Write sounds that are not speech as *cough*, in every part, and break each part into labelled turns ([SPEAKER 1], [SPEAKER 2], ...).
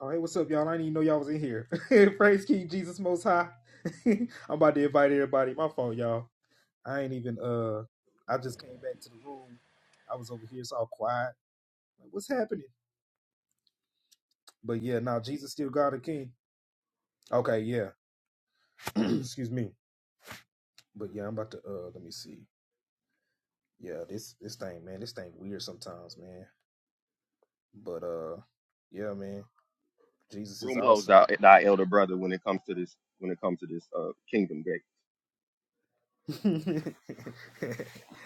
[SPEAKER 1] Oh, hey, what's up, y'all? I didn't even know y'all was in here. *laughs* Praise King Jesus Most High. *laughs* I'm about to invite everybody. My fault, y'all. I ain't even, uh, I just came back to the room. I was over here, it's all quiet. Like, what's happening? But yeah, now Jesus still God and King. Okay, yeah. *clears throat* Excuse me. But yeah, I'm about to, uh, let me see. Yeah, this, this thing, man, this thing weird sometimes, man. But, uh, yeah, man, Jesus is
[SPEAKER 2] room closed
[SPEAKER 1] awesome.
[SPEAKER 2] out thy elder brother when it comes to this when it comes to this uh kingdom gate.
[SPEAKER 1] *laughs* I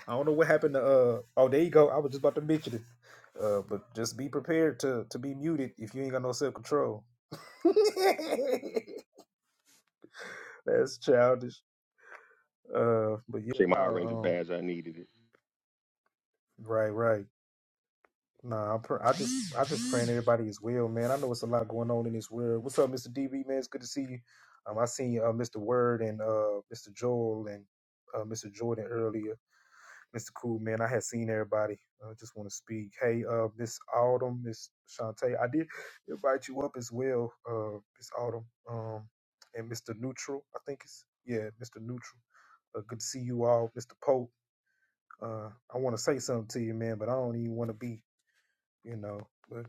[SPEAKER 1] don't know what happened to uh oh there you go. I was just about to mention it. Uh but just be prepared to to be muted if you ain't got no self control. *laughs* That's childish. Uh but yeah,
[SPEAKER 2] Shit, my Power
[SPEAKER 1] no,
[SPEAKER 2] Ranger
[SPEAKER 1] um
[SPEAKER 2] badge, I needed it.
[SPEAKER 1] right, right. Nah, I'm pr- I just I just praying everybody is well, man. I know it's a lot going on in this world. What's up, Mr. D B man? It's good to see you. Um I seen uh Mr. Word and uh Mr. Joel and uh Mr. Jordan earlier. Mr. Cool, man. I had seen everybody. I just want to speak. Hey, uh, Miss Autumn, Miss Shantae, I did invite you up as well, uh, Miss Autumn, um, and Mr. Neutral. I think it's yeah, Mr. Neutral. Uh, good to see you all, Mr. Pope. Uh, I want to say something to you, man, but I don't even want to be, you know. But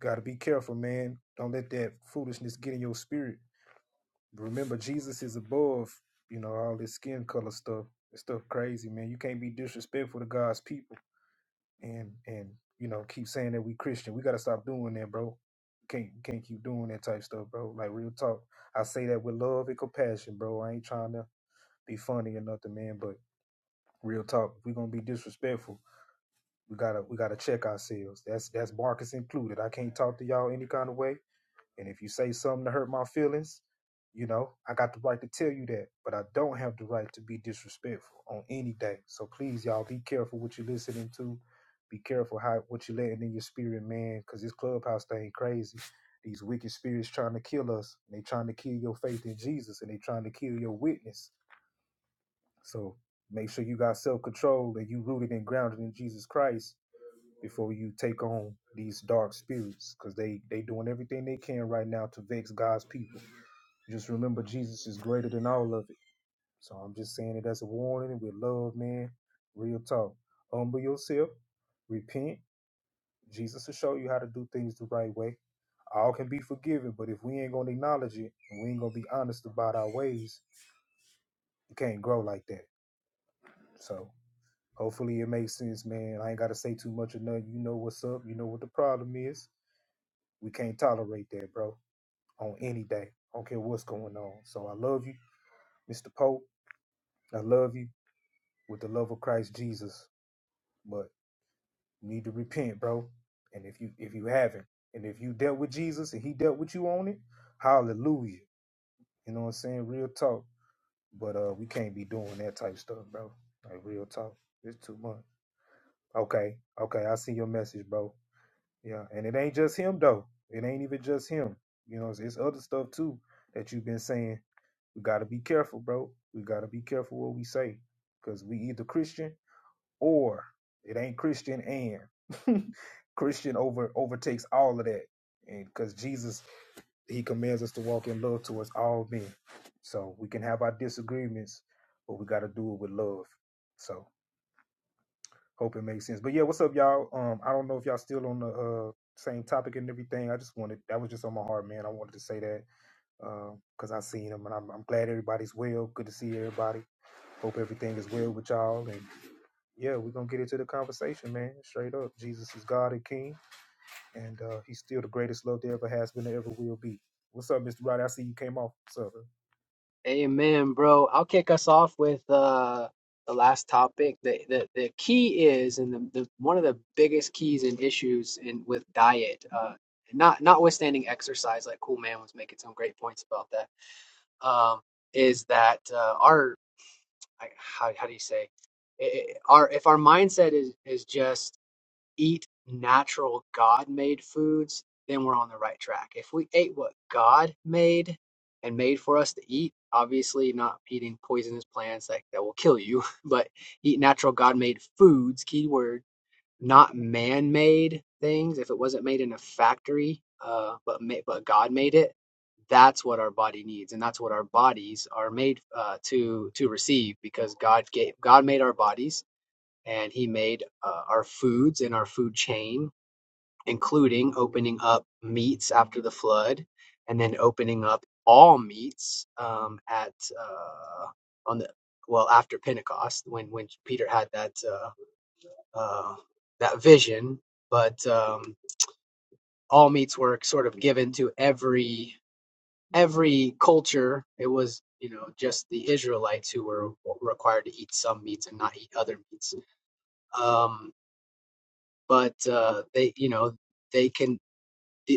[SPEAKER 1] gotta be careful, man. Don't let that foolishness get in your spirit. Remember, Jesus is above, you know, all this skin color stuff. It's stuff crazy, man. You can't be disrespectful to God's people and and you know keep saying that we Christian. We gotta stop doing that, bro. Can't can't keep doing that type stuff, bro. Like real talk, I say that with love and compassion, bro. I ain't trying to be funny or nothing, man. But real talk, if we gonna be disrespectful. We gotta we gotta check ourselves. That's that's Marcus included. I can't talk to y'all any kind of way. And if you say something to hurt my feelings, you know, I got the right to tell you that, but I don't have the right to be disrespectful on any day. So please, y'all, be careful what you're listening to. Be careful how what you're letting in your spirit, man, because this clubhouse thing crazy. These wicked spirits trying to kill us. They trying to kill your faith in Jesus, and they trying to kill your witness. So make sure you got self control and you rooted and grounded in Jesus Christ before you take on these dark spirits because they they doing everything they can right now to vex god's people just remember jesus is greater than all of it so i'm just saying it as a warning with love man real talk humble yourself repent jesus will show you how to do things the right way all can be forgiven but if we ain't gonna acknowledge it and we ain't gonna be honest about our ways it can't grow like that so hopefully it makes sense man i ain't gotta say too much or nothing you know what's up you know what the problem is We can't tolerate that, bro, on any day. I don't care what's going on. So I love you, Mr. Pope. I love you with the love of Christ Jesus. But you need to repent, bro. And if you if you haven't, and if you dealt with Jesus and he dealt with you on it, hallelujah. You know what I'm saying? Real talk. But uh we can't be doing that type stuff, bro. Like real talk. It's too much. Okay, okay, I see your message, bro. Yeah, and it ain't just him though. It ain't even just him. You know, it's, it's other stuff too that you've been saying We got to be careful, bro. We got to be careful what we say because we either Christian or it ain't Christian and *laughs* Christian over overtakes all of that. And because Jesus, he commands us to walk in love towards all men. So we can have our disagreements, but we got to do it with love. So hope it makes sense. But yeah, what's up, y'all? Um, I don't know if y'all still on the uh, same topic and everything. I just wanted, that was just on my heart, man. I wanted to say that because uh, I seen him and I'm, I'm glad everybody's well. Good to see everybody. Hope everything is well with y'all. And yeah, we're gonna get into the conversation, man. Straight up. Jesus is God and King, and uh he's still the greatest love there ever has been and ever will be. What's up, Mr. Roddy? I see you came off. What's up? bro?
[SPEAKER 3] Amen, bro. I'll kick us off with uh the last topic. The the, the key is and the, the one of the biggest keys and issues in with diet, uh not notwithstanding exercise, like Cool Man was making some great points about that, um, is that uh our I- how how do you say it, it- our if our mindset is is just eat natural God made foods, then we're on the right track. If we ate what God made and made for us to eat, obviously not eating poisonous plants that, that will kill you, *laughs* but eat natural God made foods, keyword, not man made things. If it wasn't made in a factory, uh, but, ma- but God made it, that's what our body needs and that's what our bodies are made uh, to to receive because God gave God made our bodies and he made uh, our foods in our food chain, including opening up meats after the flood, and then opening up all meats um, at uh, on the well after Pentecost when when Peter had that uh, uh, that vision. But um, all meats were sort of given to every every culture. It was you know just the Israelites who were required to eat some meats and not eat other meats. Um, but uh, they you know they can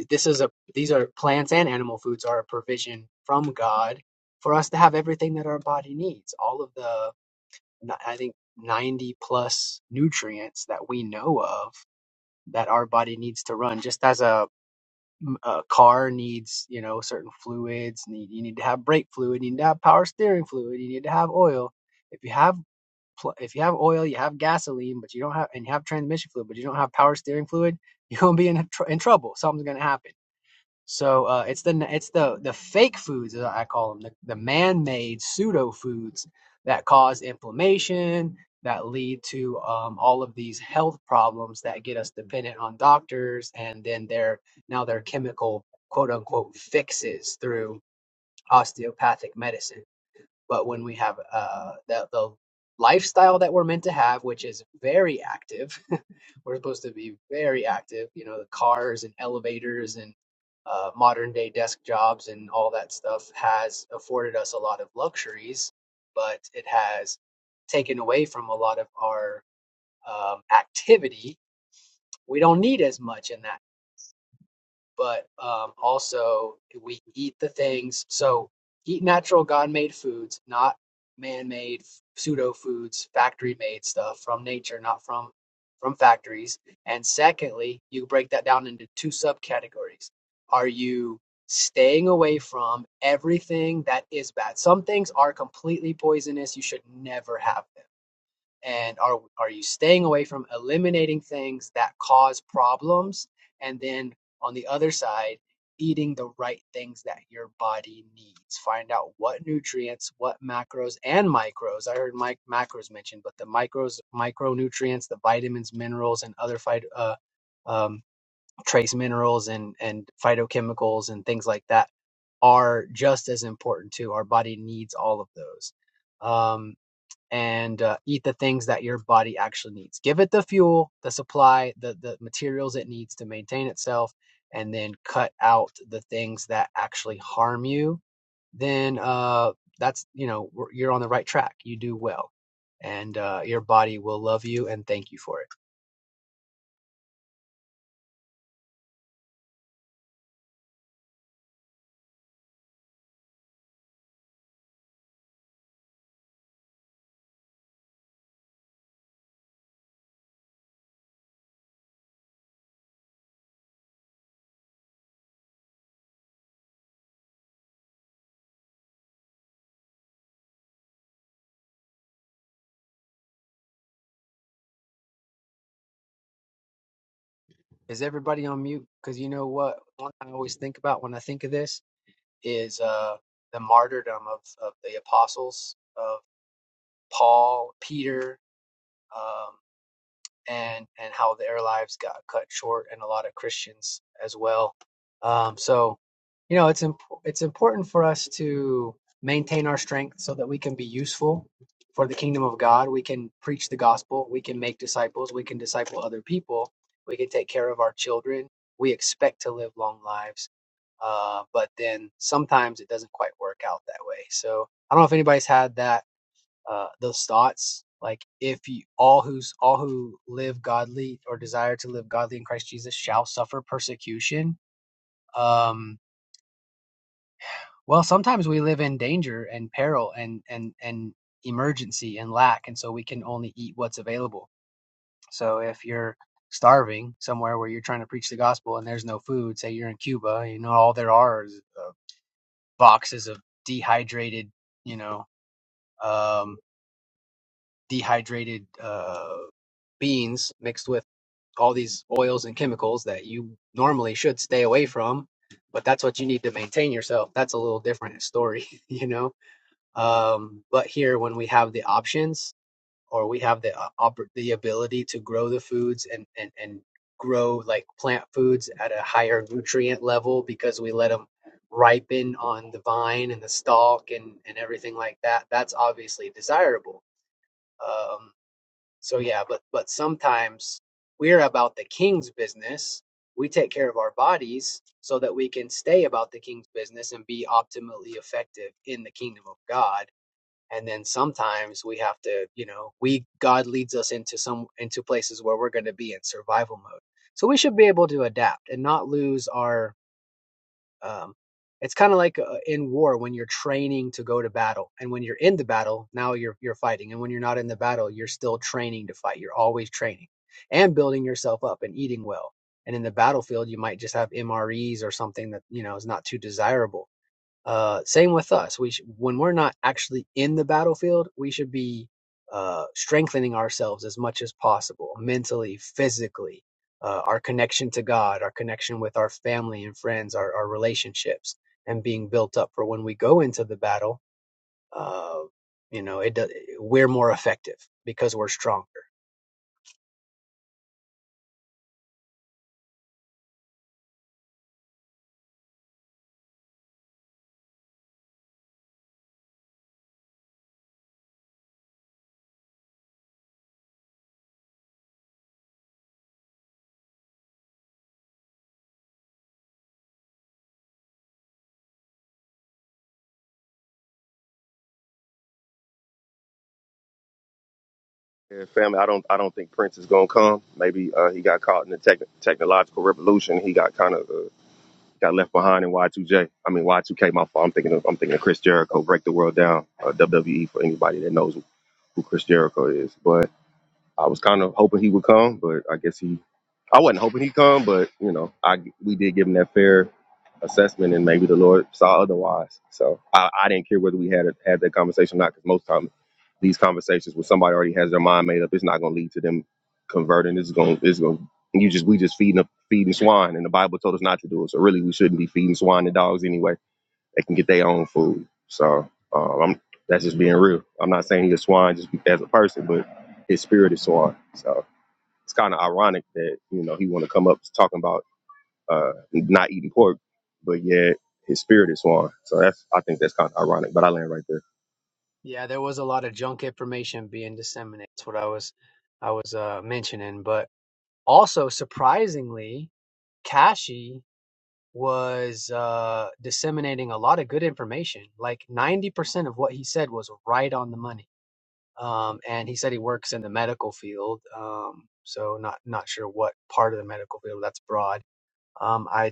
[SPEAKER 3] this is a these are plants and animal foods are a provision from god for us to have everything that our body needs all of the I think 90 plus nutrients that we know of that our body needs to run just as a, a car needs you know certain fluids need, you need to have brake fluid you need to have power steering fluid you need to have oil if you have if you have oil, you have gasoline, but you don't have and you have transmission fluid, but you don't have power steering fluid, *laughs* you're gonna be in tr- in trouble. Something's gonna happen. So uh, it's the it's the the fake foods as I call them, the, the man-made pseudo foods that cause inflammation, that lead to um, all of these health problems that get us dependent on doctors and then their now their chemical quote unquote fixes through osteopathic medicine. But when we have uh, the, the lifestyle that we're meant to have, which is very active, *laughs* we're supposed to be very active, you know, the cars and elevators and uh, modern day desk jobs and all that stuff has afforded us a lot of luxuries, but it has taken away from a lot of our um, activity. We don't need as much in that but um, also we eat the things. So eat natural, God-made foods, not man-made pseudo foods, factory-made stuff from nature, not from from factories. And secondly, you break that down into two subcategories. Are you staying away from everything that is bad? Some things are completely poisonous. You should never have them and are are you staying away from eliminating things that cause problems and then on the other side eating the right things that your body needs find out what nutrients what macros and micros i heard mic- macros mentioned but the micros micronutrients the vitamins minerals and other phyto, uh, um, trace minerals and and phytochemicals and things like that are just as important too our body needs all of those Um, and uh, eat the things that your body actually needs. Give it the fuel, the supply, the the materials it needs to maintain itself, and then cut out the things that actually harm you. Then uh, that's you know you're on the right track. You do well, and uh, your body will love you and thank you for it. Is everybody on mute? Because you know what one thing I always think about when I think of this is uh, the martyrdom of of the apostles of Paul, Peter. Um, and and how their lives got cut short and a lot of Christians as well. Um, so you know it's imp- it's important for us to maintain our strength so that we can be useful for the kingdom of God. We can preach the gospel. We can make disciples. We can disciple other people. We can take care of our children. We expect to live long lives, uh, but then sometimes it doesn't quite work out that way. So I don't know if anybody's had that uh, those thoughts. Like if you, all who's all who live godly or desire to live godly in Christ Jesus shall suffer persecution. Um, well, sometimes we live in danger and peril and and and emergency and lack, and so we can only eat what's available. So if you're starving somewhere where you're trying to preach the gospel and there's no food, say you're in Cuba, you know all there are is uh, boxes of dehydrated, you know, um, dehydrated uh, beans mixed with all these oils and chemicals that you normally should stay away from, but that's what you need to maintain yourself. That's a little different story, *laughs* you know. Um, but here, when we have the options or we have the uh, oppor- the ability to grow the foods and and and grow like plant foods at a higher nutrient level because we let them ripen on the vine and the stalk and and everything like that, that's obviously desirable. Um, so yeah, but but sometimes we're about the king's business. We take care of our bodies so that we can stay about the king's business and be optimally effective in the kingdom of God. And then sometimes we have to, you know, we God leads us into some into places where we're going to be in survival mode. So we should be able to adapt and not lose our um, it's kind of like uh, in war when you're training to go to battle, and when you're in the battle, now you're you're fighting, and when you're not in the battle, you're still training to fight. You're always training and building yourself up and eating well. And in the battlefield, you might just have MREs or something that you know is not too desirable uh, same with us. We sh- when we're not actually in the battlefield, we should be uh, strengthening ourselves as much as possible, mentally, physically, uh, our connection to God, our connection with our family and friends, our, our relationships, and being built up for when we go into the battle. Uh, you know, it does, we're more effective because we're stronger.
[SPEAKER 2] Yeah, family, I don't I don't think Prince is gonna come. Maybe uh he got caught in the tech technological revolution. He got kind of uh, got left behind in Y2J. I mean Y2K. My fault. I'm thinking of I'm thinking of Chris Jericho. Break the world down. Uh, WWE for anybody that knows who Chris Jericho is. But I was kind of hoping he would come, but I guess he. I wasn't hoping he'd come, but you know, I we did give him that fair assessment, and maybe the Lord saw otherwise. So I, I didn't care whether we had a, had that conversation or not, because most times these conversations where somebody already has their mind made up, it's not going to lead to them converting. It's going it's going you just we just feeding up feeding swine, and the Bible told us not to do it. So really, we shouldn't be feeding swine and dogs anyway they can get their own food. So um, I'm that's just being real. I'm not saying he's a swine just as a person, but his spirit is swine. So it's kind of ironic that you know he want to come up talking about uh, not eating pork, but yet his spirit is swine. So that's I think that's kind of ironic. But I land right there.
[SPEAKER 3] Yeah, there was a lot of junk information being disseminated. That's what I was, I was uh, mentioning, but also surprisingly, Kashi was uh, disseminating a lot of good information. Like 90% of what he said was right on the money. Um, and he said he works in the medical field. Um, so not, not sure what part of the medical field that's broad. Um, I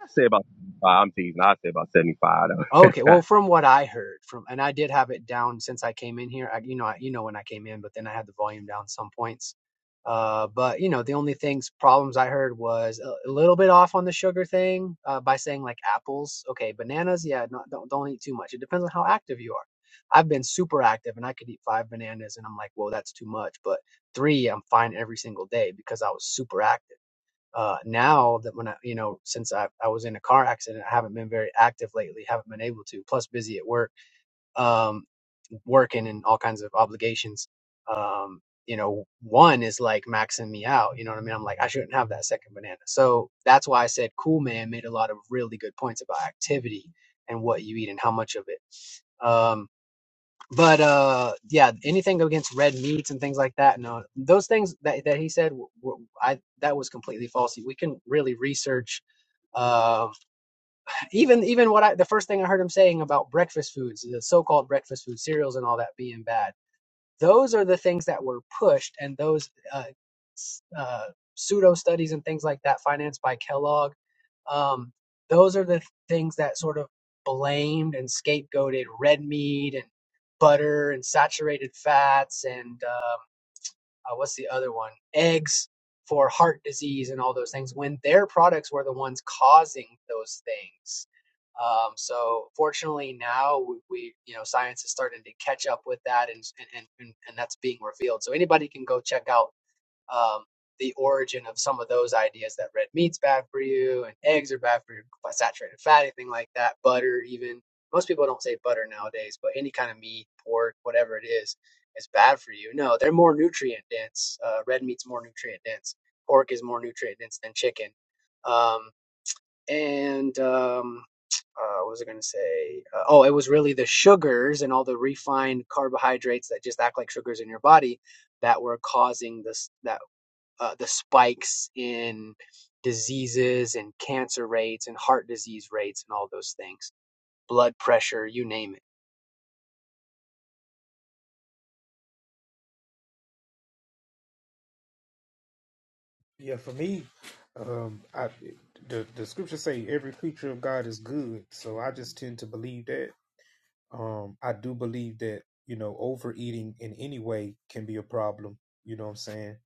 [SPEAKER 2] I say about 75. I'm teasing. I say about 75. Though.
[SPEAKER 3] Okay, well,
[SPEAKER 2] *laughs*
[SPEAKER 3] from what I heard, from and I did have it down since I came in here. I, you know, I, you know when I came in, but then I had the volume down some points. Uh, but you know, the only things problems I heard was a, a little bit off on the sugar thing uh, by saying like apples. Okay, bananas, yeah, not, don't don't eat too much. It depends on how active you are. I've been super active and I could eat five bananas, and I'm like, well, that's too much. But three, I'm fine every single day because I was super active uh, now that when I, you know, since I, I was in a car accident, I haven't been very active lately, haven't been able to, plus busy at work, um, working and all kinds of obligations. Um, you know, one is like maxing me out. You know what I mean? I'm like, I shouldn't have that second banana. So that's why I said Cool Man made a lot of really good points about activity and what you eat and how much of it. Um, but uh yeah anything against red meats and things like that no those things that, that he said w- w- i that was completely false we can really research uh even even what i the first thing i heard him saying about breakfast foods the so-called breakfast food cereals and all that being bad those are the things that were pushed, and those uh, uh, pseudo studies and things like that, financed by Kellogg, um, those are the things that sort of blamed and scapegoated red meat and butter and saturated fats and uh, uh, what's the other one? Eggs for heart disease and all those things when their products were the ones causing those things. Um, so fortunately now we, we, you know, science is starting to catch up with that and, and, and, and that's being revealed. So anybody can go check out um, the origin of some of those ideas that red meat's bad for you and eggs are bad for you, saturated fat, anything like that, butter even. Most people don't say butter nowadays, but any kind of meat, pork, whatever it is, is bad for you. No, they're more nutrient dense. Uh, red meat's more nutrient dense. Pork is more nutrient dense than chicken. Um, and um, *tsk* uh, what was I going to say? Uh, oh, it was really the sugars and all the refined carbohydrates that just act like sugars in your body that were causing this. That uh, the spikes in diseases and cancer rates and heart disease rates and all those things, blood pressure, you name it.
[SPEAKER 1] Yeah, for me, um I the the scriptures say every creature of God is good. So I just tend to believe that. um, I do believe that, you know, overeating in any way can be a problem. You know what I'm saying?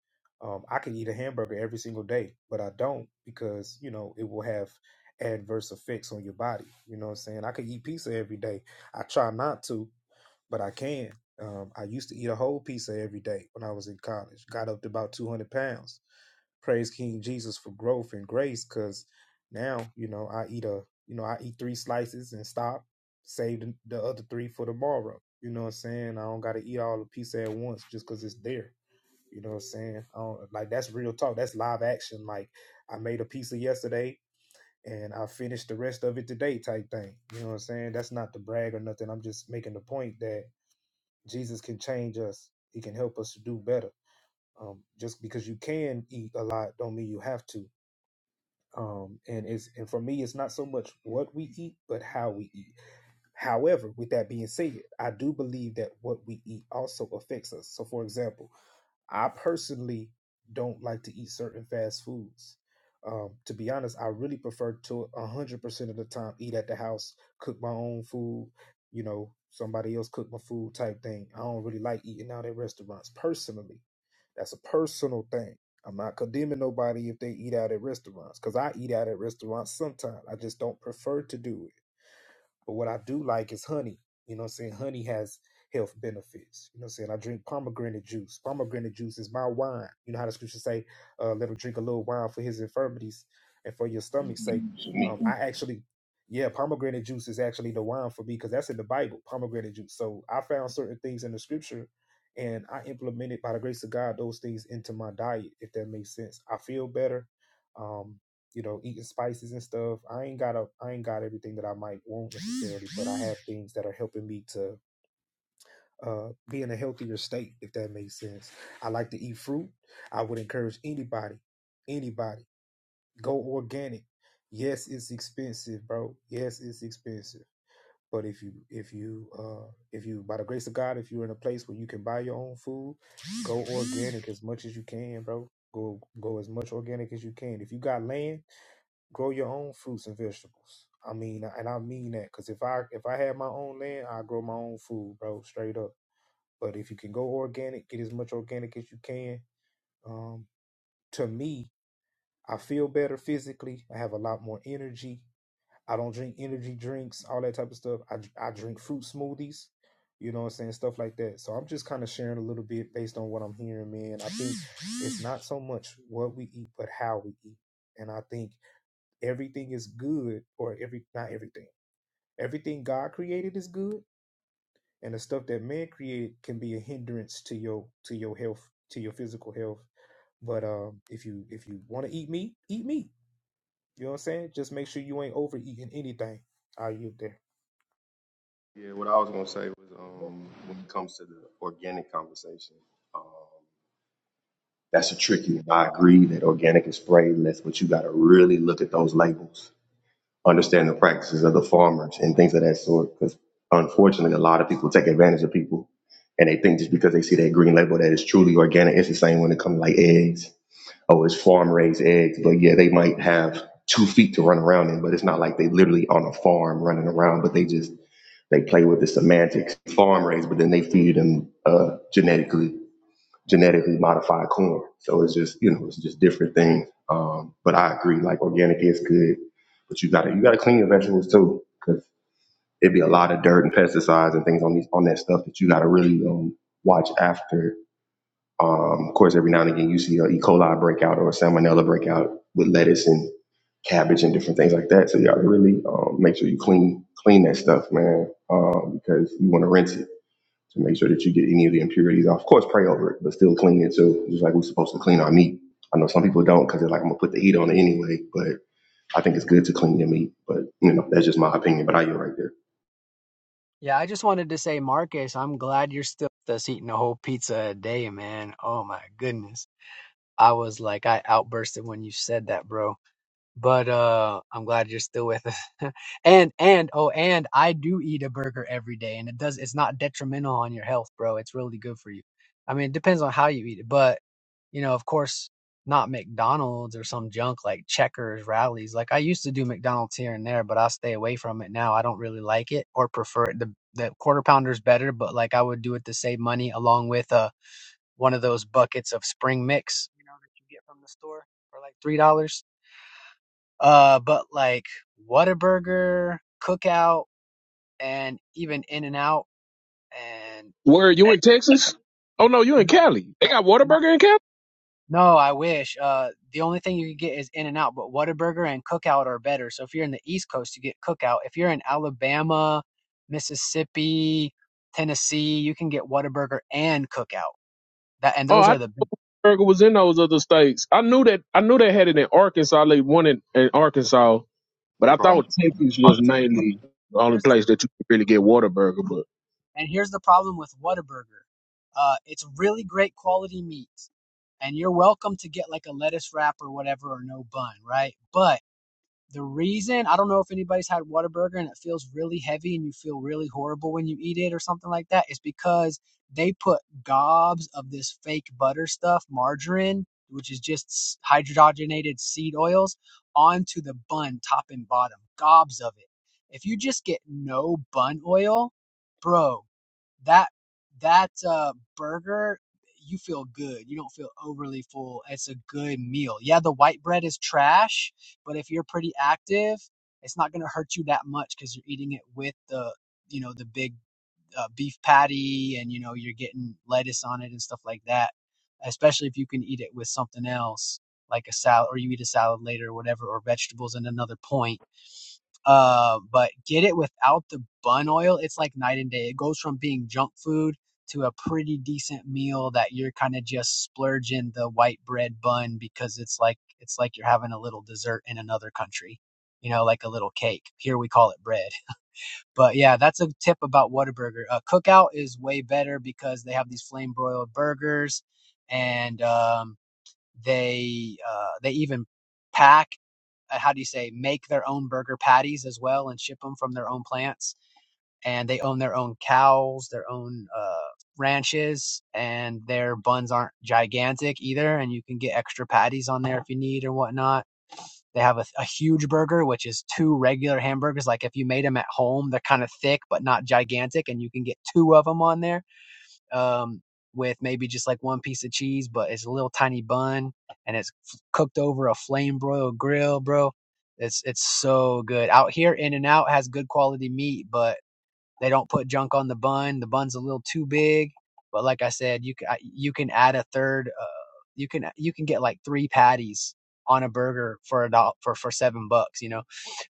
[SPEAKER 1] Um, I can eat a hamburger every single day, but I don't because, you know, it will have adverse effects on your body. You know what I'm saying? I could eat pizza every day. I try not to, but I can. Um, I used to eat a whole pizza every day when I was in college. Got up to about 200 pounds. Praise King Jesus for growth and grace, because now you know I eat a you know I eat three slices and stop, save the, the other three for tomorrow. You know what I'm saying? I don't got to eat all the pizza at once just because it's there. You know what I'm saying? I don't, like that's real talk. That's live action. Like I made a pizza yesterday and I finished the rest of it today, type thing. You know what I'm saying? That's not to brag or nothing. I'm just making the point that Jesus can change us. He can help us to do better. Um, just because you can eat a lot, don't mean you have to. Um, and it's and for me, it's not so much what we eat, but how we eat. However, with that being said, I do believe that what we eat also affects us. So, for example, I personally don't like to eat certain fast foods. Um, to be honest, I really prefer to 100% of the time eat at the house, cook my own food, you know, somebody else cook my food type thing. I don't really like eating out at restaurants personally. That's a personal thing. I'm not condemning nobody if they eat out at restaurants because I eat out at restaurants sometimes. I just don't prefer to do it. But what I do like is honey. You know what I'm saying? Honey has health benefits. You know what I'm saying? I drink pomegranate juice. Pomegranate juice is my wine. You know how the scriptures say, uh, let him drink a little wine for his infirmities and for your stomach's sake. Um, I actually, yeah, pomegranate juice is actually the wine for me because that's in the Bible, pomegranate juice. So I found certain things in the scripture and I implemented by the grace of God those things into my diet, if that makes sense. I feel better. Um, you know, eating spices and stuff. I ain't got a, I ain't got everything that I might want necessarily, but I have *laughs* things that are helping me to uh, be in a healthier state, if that makes sense. I like to eat fruit. I would encourage anybody, anybody, go organic. Yes, it's expensive, bro. Yes, it's expensive. But if you, if you, uh, if you, by the grace of God, if you're in a place where you can buy your own food, go organic *laughs* as much as you can, bro. Go, go as much organic as you can. If you got land grow your own fruits and vegetables. I mean, and I mean that because if I if I had my own land, I grow my own food, bro, straight up. But if you can go organic, get as much organic as you can. Um, to me, I feel better physically. I have a lot more energy. I don't drink energy drinks, all that type of stuff. I I drink fruit smoothies. You know what I'm saying? Stuff like that. So I'm just kind of sharing a little bit based on what I'm hearing, man. I think it's not so much what we eat, but how we eat. And I think everything is good or every not everything everything god created is good and the stuff that man created can be a hindrance to your to your health to your physical health but um if you if you want to eat meat eat meat you know what i'm saying just make sure you ain't overeating anything are you there
[SPEAKER 2] yeah, what I was gonna say was um, when it comes to the organic conversation. um, That's a tricky one. I agree that organic is brainless, but you got to really look at those labels, understand the practices of the farmers and things of that sort. Because unfortunately, a lot of people take advantage of people and they think just because they see that green label that it's truly organic, it's the same when it comes to like eggs. Oh, it's farm raised eggs. But yeah, they might have two feet to run around in, but it's not like they literally on a farm running around, but they just they play with the semantics, farm raised, but then they feed them uh, genetically genetically modified corn. So it's just you know it's just different things. Um, but I agree, like organic is good, but you gotta you gotta clean your vegetables too, because it'd be a lot of dirt and pesticides and things on these on that stuff that you gotta really um, watch after. Um, of course, every now and again you see an E. coli breakout or a salmonella breakout with lettuce and cabbage and different things like that. So you gotta really um, make sure you clean clean that stuff, man, um, because you want to rinse it to make sure that you get any of the impurities off. Of course, pray over it, but still clean it. So just like we're supposed to clean our meat. I know some people don't because they're like, I'm gonna put the heat on it anyway. But I think it's good to clean your meat. But you know, that's just my opinion. But I you right there.
[SPEAKER 3] Yeah, I just wanted to say, Marcus, I'm glad you're still with us eating a whole pizza a day, man. Oh my goodness. I was like, I outbursted when you said that, bro. But uh I'm glad you're still with us. *laughs* and and oh and I do eat a burger every day and it does it's not detrimental on your health, bro. It's really good for you. I mean, it depends on how you eat it, but you know, of course, not McDonald's or some junk like Checkers, rallies. Like I used to do McDonald's here and there, but I stay away from it now. I don't really like it or prefer it. The the quarter pounder's better, but like I would do it to save money along with uh one of those buckets of spring mix, you know, that you get from the store for like $3. Uh, but like Whataburger, Cookout, and even In n Out, and
[SPEAKER 4] Where you in *laughs* Texas? Oh no, you in
[SPEAKER 3] no,
[SPEAKER 4] Cali. They got
[SPEAKER 3] no,
[SPEAKER 4] Whataburger in Cali.
[SPEAKER 3] no, I wish. Uh, the only thing you can get is In n Out, but Whataburger and Cookout are better. So if you're in the East Coast, you get Cookout. If you're in Alabama, Mississippi, Tennessee, you can get Whataburger and Cookout. That and
[SPEAKER 4] Oh,
[SPEAKER 3] those
[SPEAKER 4] I
[SPEAKER 3] are the.
[SPEAKER 4] Burger was in those other states. I knew that. I knew they had it in Arkansas. They one in, in Arkansas, but
[SPEAKER 2] They
[SPEAKER 4] I
[SPEAKER 2] brought
[SPEAKER 4] thought Texas
[SPEAKER 2] brought
[SPEAKER 4] was
[SPEAKER 2] it to me.
[SPEAKER 4] mainly the only
[SPEAKER 3] Here's the
[SPEAKER 4] place that you could really get Whataburger. But
[SPEAKER 3] And here's the problem with Whataburger. Uh, it's really great quality meat. And you're welcome to get like a lettuce wrap or whatever or no bun, right? But the reason, I don't know if anybody's had Whataburger and it feels really heavy and you feel really horrible when you eat it or something like that, is because they put gobs of this fake butter stuff, margarine, which is just hydrogenated seed oils, onto the bun, top and bottom. Gobs of it. If you just get no bun oil, bro, that that uh, burger you feel good you don't feel overly full it's a good meal yeah the white bread is trash but if you're pretty active it's not going to hurt you that much because you're eating it with the you know the big uh, beef patty and you know you're getting lettuce on it and stuff like that especially if you can eat it with something else like a salad or you eat a salad later or whatever or vegetables in another point uh, but get it without the bun oil. It's like night and day. It goes from being junk food to a pretty decent meal that you're kind of just splurging the white bread bun because it's like it's like you're having a little dessert in another country. You know, like a little cake. Here we call it bread. But yeah, that's a tip about Whataburger. Uh, cookout is way better because they have these flame broiled burgers and um they uh, they even pack uh, how do you say make their own burger patties as well and ship them from their own plants and they own their own cows their own uh, ranches and their buns aren't gigantic either and you can get extra patties on there if you need or whatnot they have a, a huge burger which is two regular hamburgers like if you made them at home they're kind of thick but not gigantic and you can get two of them on there um, with maybe just like one piece of cheese, but it's a little tiny bun and it's f- cooked over a flame broiled grill, bro. It's it's so good. Out here, In and Out has good quality meat, but they don't put junk on the bun. The bun's a little too big, but like I said, you can you can add a third. Uh, you can you can get like three patties on a burger for a dollar for for seven bucks. You know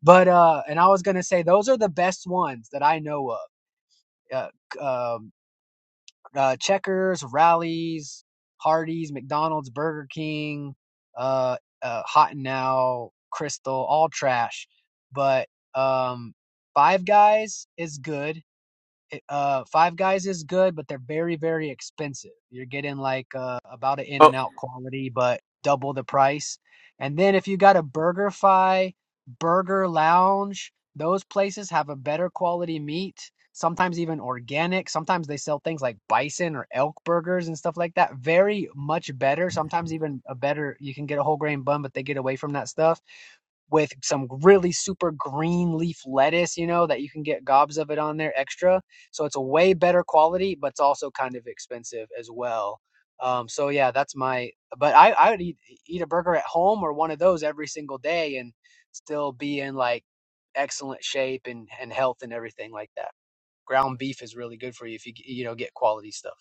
[SPEAKER 3] but uh and i was gonna say those are the best ones that i know of uh, um uh, Checkers, Rallies, Hardee's, McDonald's, Burger King, uh, uh, Hot and Now, Crystal, all trash. But um, Five Guys is good it- uh Five Guys is good, but they're very very expensive. You're getting like uh about an in
[SPEAKER 5] Uh,
[SPEAKER 3] n out quality, but double the price. And then if you got a BurgerFi, Burger Lounge, those places have a better quality meat. Sometimes even organic. Sometimes they sell things like bison or elk burgers and stuff like that. Very much better. Sometimes even a better. You can get a whole grain bun, but they get away from that stuff with some really super green leaf lettuce, you know, that you can get gobs of it on there extra. So it's a way better quality, but it's also kind of expensive as well. Um, so yeah, that's my. But I I would eat eat a burger at home or one of those every single day and still be in like excellent shape and and health and everything like that. Ground beef is really good for you if you you know get quality stuff.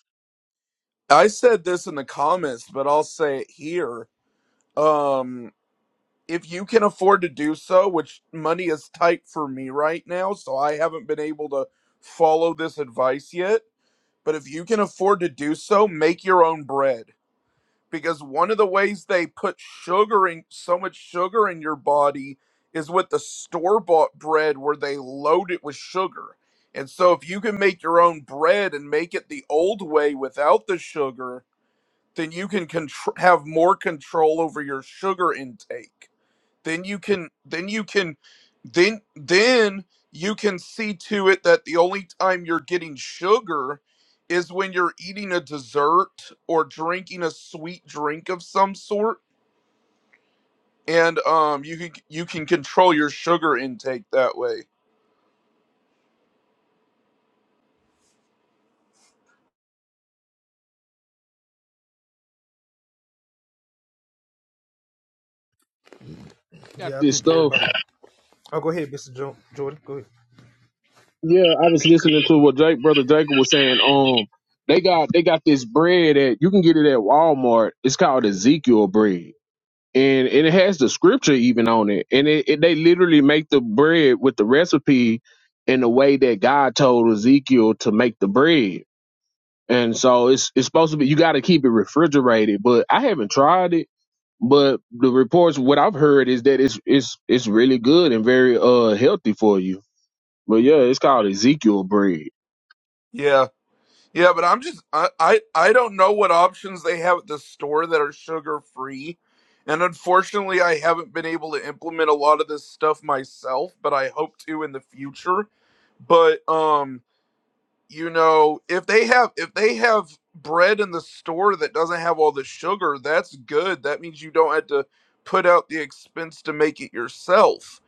[SPEAKER 5] I said this in the comments, but I'll say it here. Um, if you can afford to do so, which money is tight for me right now, so I haven't been able to follow this advice yet. But if you can afford to do so, make your own bread. Because one of the ways they put sugar in so much sugar in your body is with the store bought bread where they load it with sugar. And so if you can make your own bread and make it the old way without the sugar, then you can contr- have more control over your sugar intake then you can then you can then then you can see to it that the only time you're getting sugar is when you're eating a dessert or drinking a sweet drink of some sort and um you can you can control your sugar intake that way
[SPEAKER 4] they got
[SPEAKER 1] yeah i
[SPEAKER 4] this
[SPEAKER 1] think
[SPEAKER 4] stuff.
[SPEAKER 1] everybody oh go ahead mr jo- jordan go ahead
[SPEAKER 4] Yeah, I was listening to what Jake, brother Jacob, was saying. Um, they got they got this bread that you can get it at Walmart. It's called Ezekiel bread. and, and it has the scripture even on it and it, it they literally make the bread with the recipe in the way that god told ezekiel to make the bread and so it's it's supposed to be you got to keep it refrigerated but i haven't tried it but the reports what i've heard is that it's it's it's really good and very uh healthy for you but yeah it's called ezekiel bread
[SPEAKER 5] yeah Yeah, but I'm just I, I I don't know what options they have at the store that are sugar free. And unfortunately, I haven't been able to implement a lot of this stuff myself, but I hope to in the future. But um, you know, if they have if they have bread in the store that doesn't have all the sugar, that's good. That means you don't have to put out the expense to make it yourself.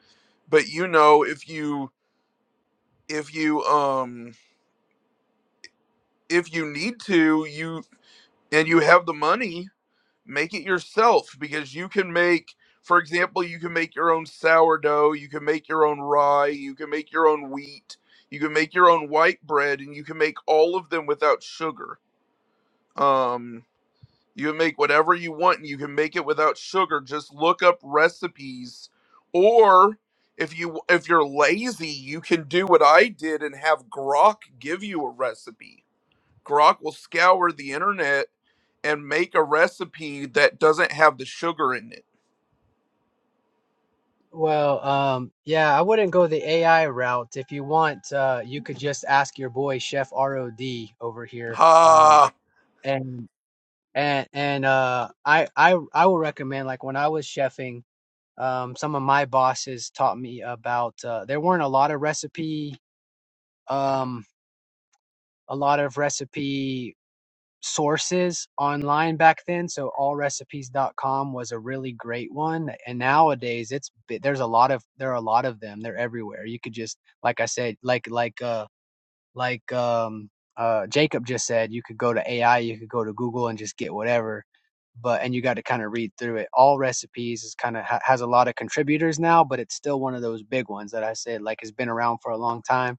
[SPEAKER 5] But you know, if you if you um if you need to, you and you have the money, make it yourself because you can make for example you can make your own sourdough you can make your own rye you can make your own wheat you can make your own white bread and you can make all of them without sugar um you can make whatever you want and you can make it without sugar just look up recipes or if you if you're lazy you can do what i did and have grok give you a recipe Grok will scour the internet and make a recipe that doesn't have the sugar in it.
[SPEAKER 3] Well, um, yeah, I wouldn't go the AI route. If you want, uh, you could just ask your boy Chef ROD over here. Um,
[SPEAKER 5] Ha.
[SPEAKER 3] and and and uh, I I I will recommend like when I was chefing, um, some of my bosses taught me about uh, there weren't a lot of recipe, um, a lot of recipe. sources online back then so allrecipes.com was a really great one and nowadays it's there's a lot of there are a lot of them they're everywhere you could just like i said like like uh like um uh jacob just said you could go to ai you could go to google and just get whatever but and you got to kind of read through it all recipes is kind of ha- has a lot of contributors now but it's still one of those big ones that i said like has been around for a long time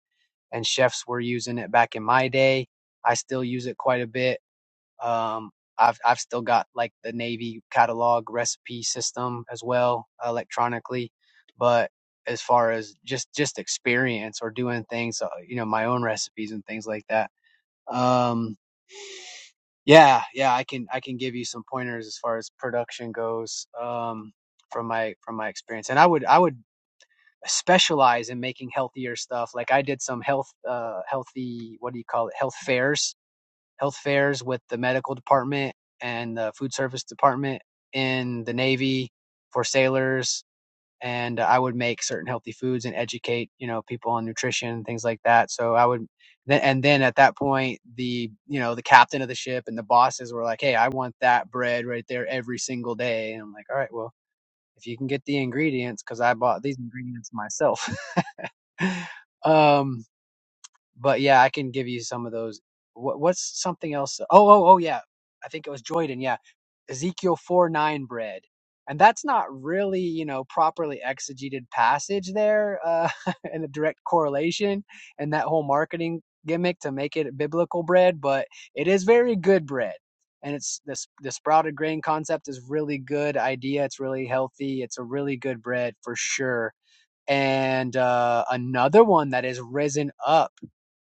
[SPEAKER 3] and chefs were using it back in my day i still use it quite a bit um, I've I've still got like the Navy catalog recipe system as well electronically, but as far as just just experience or doing things, uh, you know, my own recipes and things like that. Um, yeah, yeah, I can I can give you some pointers as far as production goes um, from my from my experience, and I would I would specialize in making healthier stuff. Like I did some health uh, healthy what do you call it health fairs health fairs with the medical department and the food service department in the Navy for sailors. And I would make certain healthy foods and educate, you know, people on nutrition and things like that. So I would, and then at that point, the, you know, the captain of the ship and the bosses were like, Hey, I want that bread right there every single day. And I'm like, all right, well, if you can get the ingredients, cause I bought these ingredients myself. *laughs* um, but yeah, I can give you some of those. What, what's something else? Oh, oh, oh, yeah. I think it was Joyden. Yeah, Ezekiel four nine bread, and that's not really you know properly exegeted passage there, uh, *laughs* and a direct correlation and that whole marketing gimmick to make it biblical bread, but it is very good bread. And it's this the sprouted grain concept is really good idea. It's really healthy. It's a really good bread for sure and uh, another one that has risen up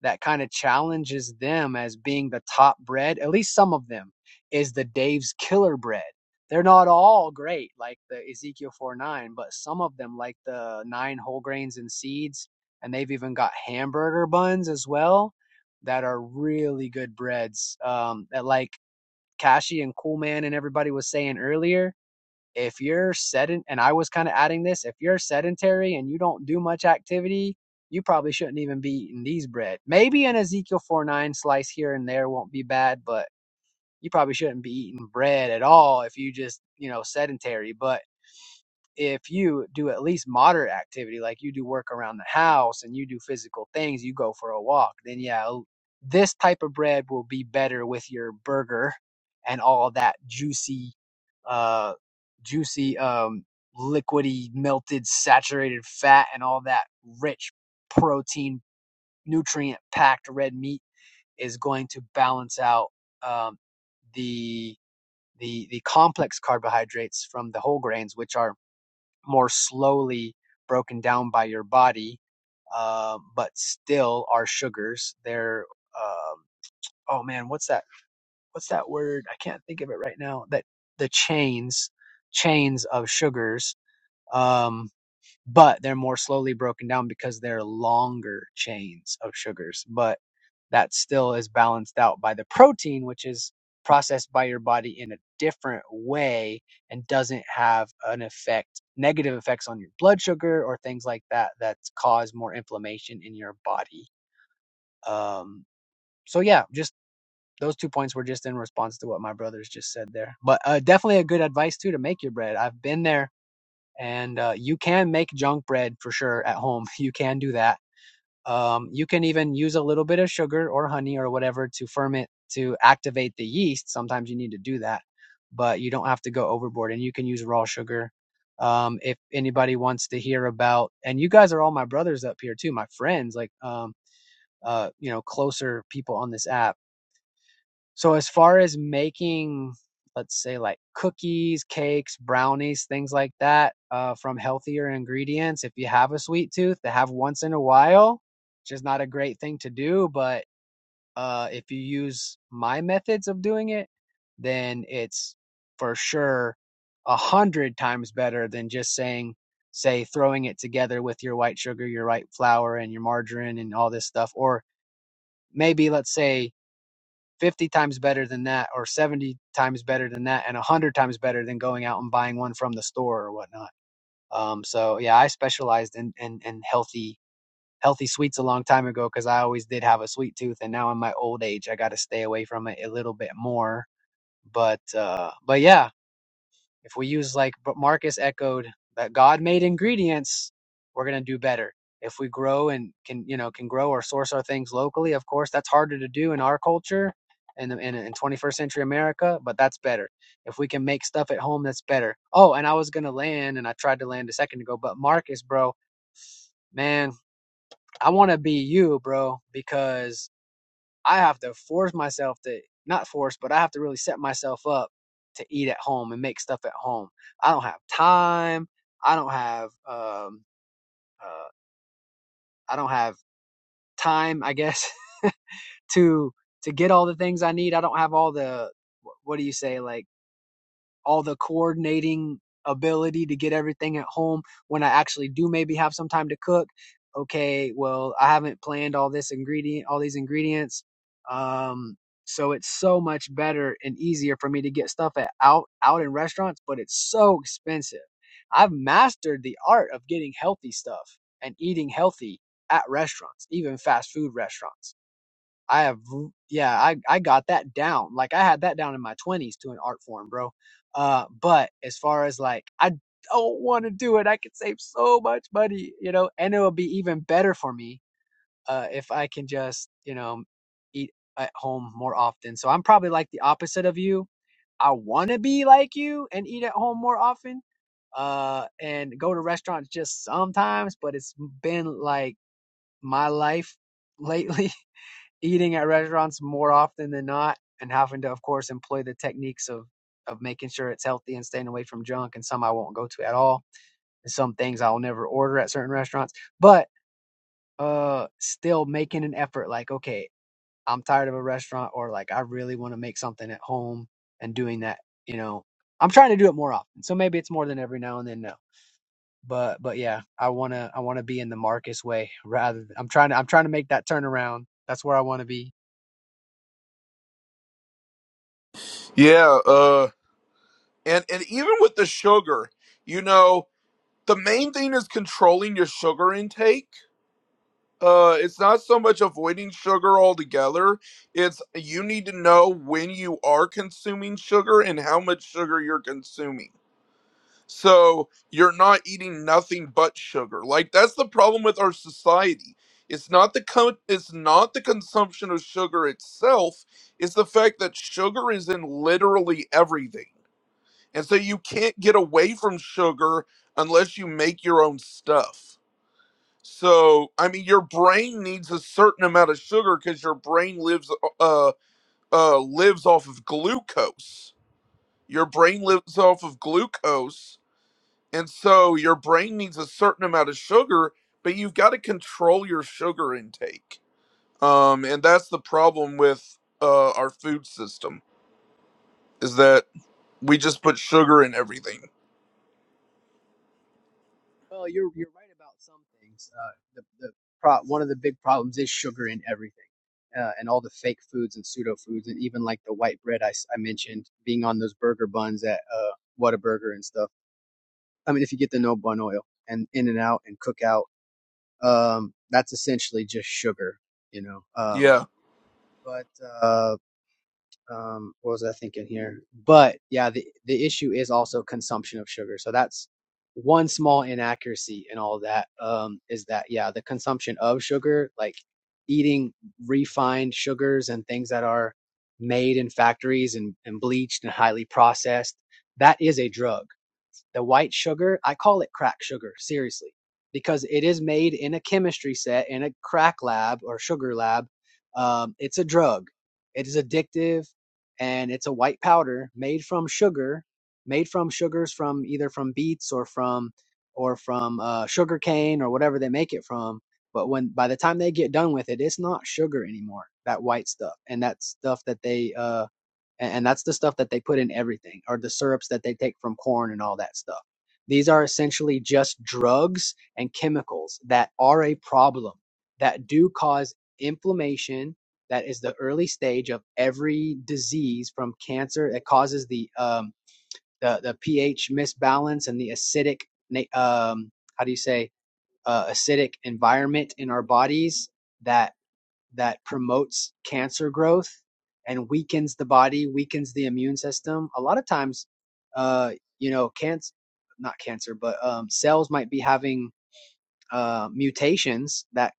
[SPEAKER 3] that kind of challenges them as being the top bread at least some of them is the dave's killer bread they're not all great like the ezekiel 4 9 but some of them like the nine whole grains and seeds and they've even got hamburger buns as well that are really good breads um, that like kashi and cool man and everybody was saying earlier if you're sedent and I was kind of adding this, if you're sedentary and you don't do much activity, you probably shouldn't even be eating these bread. Maybe an Ezekiel 4 9 slice here and there won't be bad, but you probably shouldn't be eating bread at all if you just, you know, sedentary. But if you do at least moderate activity, like you do work around the house and you do physical things, you go for a walk, then yeah, this type of bread will be better with your burger and all that juicy uh, juicy, um, liquidy, melted, saturated fat, and all that rich protein, nutrient packed red meat is going to balance out um, the the the complex carbohydrates from the whole grains, which are more slowly broken down by your body, uh, but still are sugars. They're um, oh man, what's that? what's that word? I can't think of it right now. That the chains, chains of sugars, um, but they're more slowly broken down because they're longer chains of sugars. But that still is balanced out by the protein, which is processed by your body in a different way and doesn't have an effect, negative effects on your blood sugar or things like that that cause more inflammation in your body. Um, so yeah, just those two points were just in response to what my brothers just said there. But uh, definitely a good advice too to make your bread. I've been there, and uh, you can make junk bread for sure at home. *laughs* You can do that. Um, you can even use a little bit of sugar or honey or whatever to ferment to activate the yeast. Sometimes you need to do that, but you don't have to go overboard. And you can use raw sugar. Um, if anybody wants to hear about, and you guys are all my brothers up here too, my friends, like um, uh, you know, closer people on this app so as far as making, let's say like cookies, cakes, brownies, things like that, uh, from healthier ingredients, if you have a sweet tooth to have once in a while, which is not a great thing to do, but uh, if you use my methods of doing it, then it's for sure a hundred times better than just saying, say, throwing it together with your white sugar, your white flour, and your margarine and all this stuff, or maybe let's say 50 times better than that or 70 times better than that and 100 times better than going out and buying one from the store or whatnot um, so yeah i specialized in, in, in healthy healthy sweets a long time ago because i always did have a sweet tooth and now in my old age i got to stay away from it a little bit more but uh but yeah if we use like but Marcus echoed that God made ingredients, we're gonna do better. If we grow and can you know can grow or source our things locally, of course that's harder to do in our culture and in, in 21st century America, but that's better. If we can make stuff at home, that's better. Oh, and I was gonna land, and I tried to land a second ago, but Marcus, bro, man, I want to be you, bro, because I have to force myself to not force, but I have to really set myself up to eat at home and make stuff at home. I don't have time. I don't have um uh I don't have time, I guess, *laughs* to to get all the things I need. I don't have all the what do you say like all the coordinating ability to get everything at home when I actually do maybe have some time to cook. Okay, well, I haven't planned all this ingredient, all these ingredients. Um, so it's so much better and easier for me to get stuff at out out in restaurants, but it's so expensive. I've mastered the art of getting healthy stuff and eating healthy at restaurants, even fast food restaurants I have, yeah, I, I got that down. Like I had that down in my twenties to an art form, bro. Uh, but as far as like, I don't want to do it. I could save so much money, you know, and it will be even better for me, uh, if I can just, you know, eat at home more often. So I'm probably like the opposite of you. I want to be like you and eat at home more often, uh, and go to restaurants just sometimes, but it's been like my life lately *laughs* eating at restaurants more often than not and having to of course employ the techniques of of making sure it's healthy and staying away from junk and some I won't go to at all and some things I'll never order at certain restaurants but uh still making an effort like okay I'm tired of a restaurant or like I really want to make something at home and doing that you know I'm trying to do it more often so maybe it's more than every now and then no but but yeah I want to I want to be in the Marcus way rather th- I'm trying to I'm trying to make that turnaround that's where I want to be
[SPEAKER 5] yeah. Uh. And and even with the sugar, you know, the main thing is controlling your sugar intake. Uh, it's not so much avoiding sugar altogether. It's you need to know when you are consuming sugar and how much sugar you're consuming so you're not eating nothing but sugar like that's the problem with our society it's not the co- it's not the consumption of sugar itself it's the fact that sugar is in literally everything and so you can't get away from sugar unless you make your own stuff so i mean your brain needs a certain amount of sugar because your brain lives uh uh lives off of glucose your brain lives off of glucose and so your brain needs a certain amount of sugar, but you've got to control your sugar intake. Um, and that's the problem with uh, our food system is that we just put sugar in everything.
[SPEAKER 3] Well, you're you're right about some things. Uh, the the pro- one of the big problems is sugar in everything, uh, and all the fake foods and pseudo foods, and even like the white bread I, s- I mentioned being on those burger buns at uh, Whataburger and stuff. I mean, if you get the no bun oil and In and Out and Cookout, um, that's essentially just sugar, you know. Um,
[SPEAKER 5] Yeah,
[SPEAKER 3] but uh, um what was i thinking here but yeah the the issue is also consumption of sugar so that's one small inaccuracy in all that um is that yeah the consumption of sugar like eating refined sugars and things that are made in factories and, and bleached and highly processed that is a drug the white sugar, I call it crack sugar, seriously, because it is made in a chemistry set in a crack lab or sugar lab. Um, it's a drug. It is addictive, and it's a white powder made from sugar, made from sugars from either from beets or from or from uh, sugar cane or whatever they make it from. But when by the time they get done with it, it's not sugar anymore. That white stuff and that stuff that they uh and, and that's the stuff that they put in everything or the syrups that they take from corn and all that stuff these are essentially just drugs and chemicals that are a problem that do cause inflammation that is the early stage of every disease from cancer it causes the um the, the ph misbalance and the acidic um how do you say uh, acidic environment in our bodies that that promotes cancer growth and weakens the body, weakens the immune system. A lot of times, uh, you know, cancer, not cancer, but um, cells might be having uh, mutations that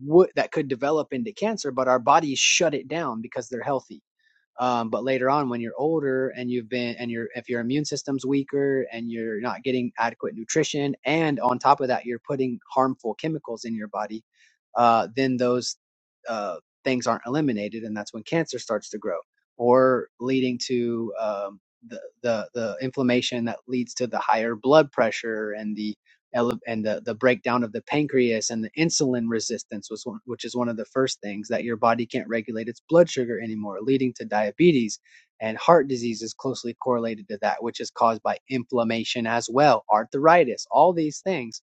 [SPEAKER 3] would that could develop into cancer, but our bodies shut it down because they're healthy um, but later on when you're older and you've been and you're if your immune system's weaker and you're not getting adequate nutrition and on top of that you're putting harmful chemicals in your body uh, then those uh, things aren't eliminated and that's when cancer starts to grow or leading to um, the, the the inflammation that leads to the higher blood pressure and the ele- and the, the breakdown of the pancreas and the insulin resistance was one, which is one of the first things that your body can't regulate its blood sugar anymore leading to diabetes and heart disease is closely correlated to that which is caused by inflammation as well arthritis all these things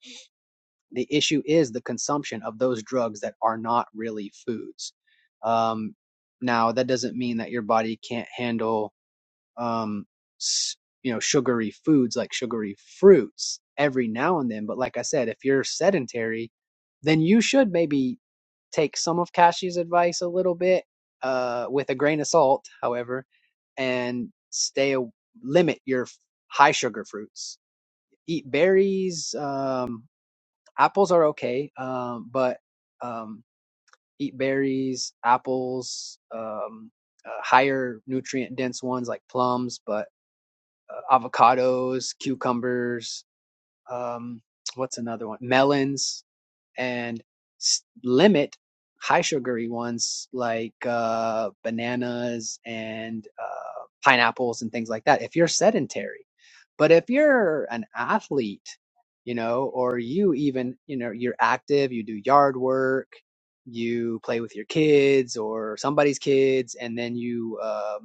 [SPEAKER 3] the issue is the consumption of those drugs that are not really foods um, now that doesn't mean that your body can't handle um, you know, sugary foods like sugary fruits every now and then. But like I said, if you're sedentary, then you should maybe take some of Kashi's advice a little bit, uh, with a grain of salt, however, and stay, a- limit your f- high sugar fruits. Eat berries, um, apples are okay, um, but, um, eat berries, apples, um, uh, higher nutrient dense ones like plums, but avocados, cucumbers, um, what's another one? Melons, and limit high sugary ones like uh, bananas and uh, pineapples and things like that if you're sedentary. But if you're an athlete, you know, or you even, you know, you're active, you do yard work, you play with your kids or somebody's kids, and then you, um,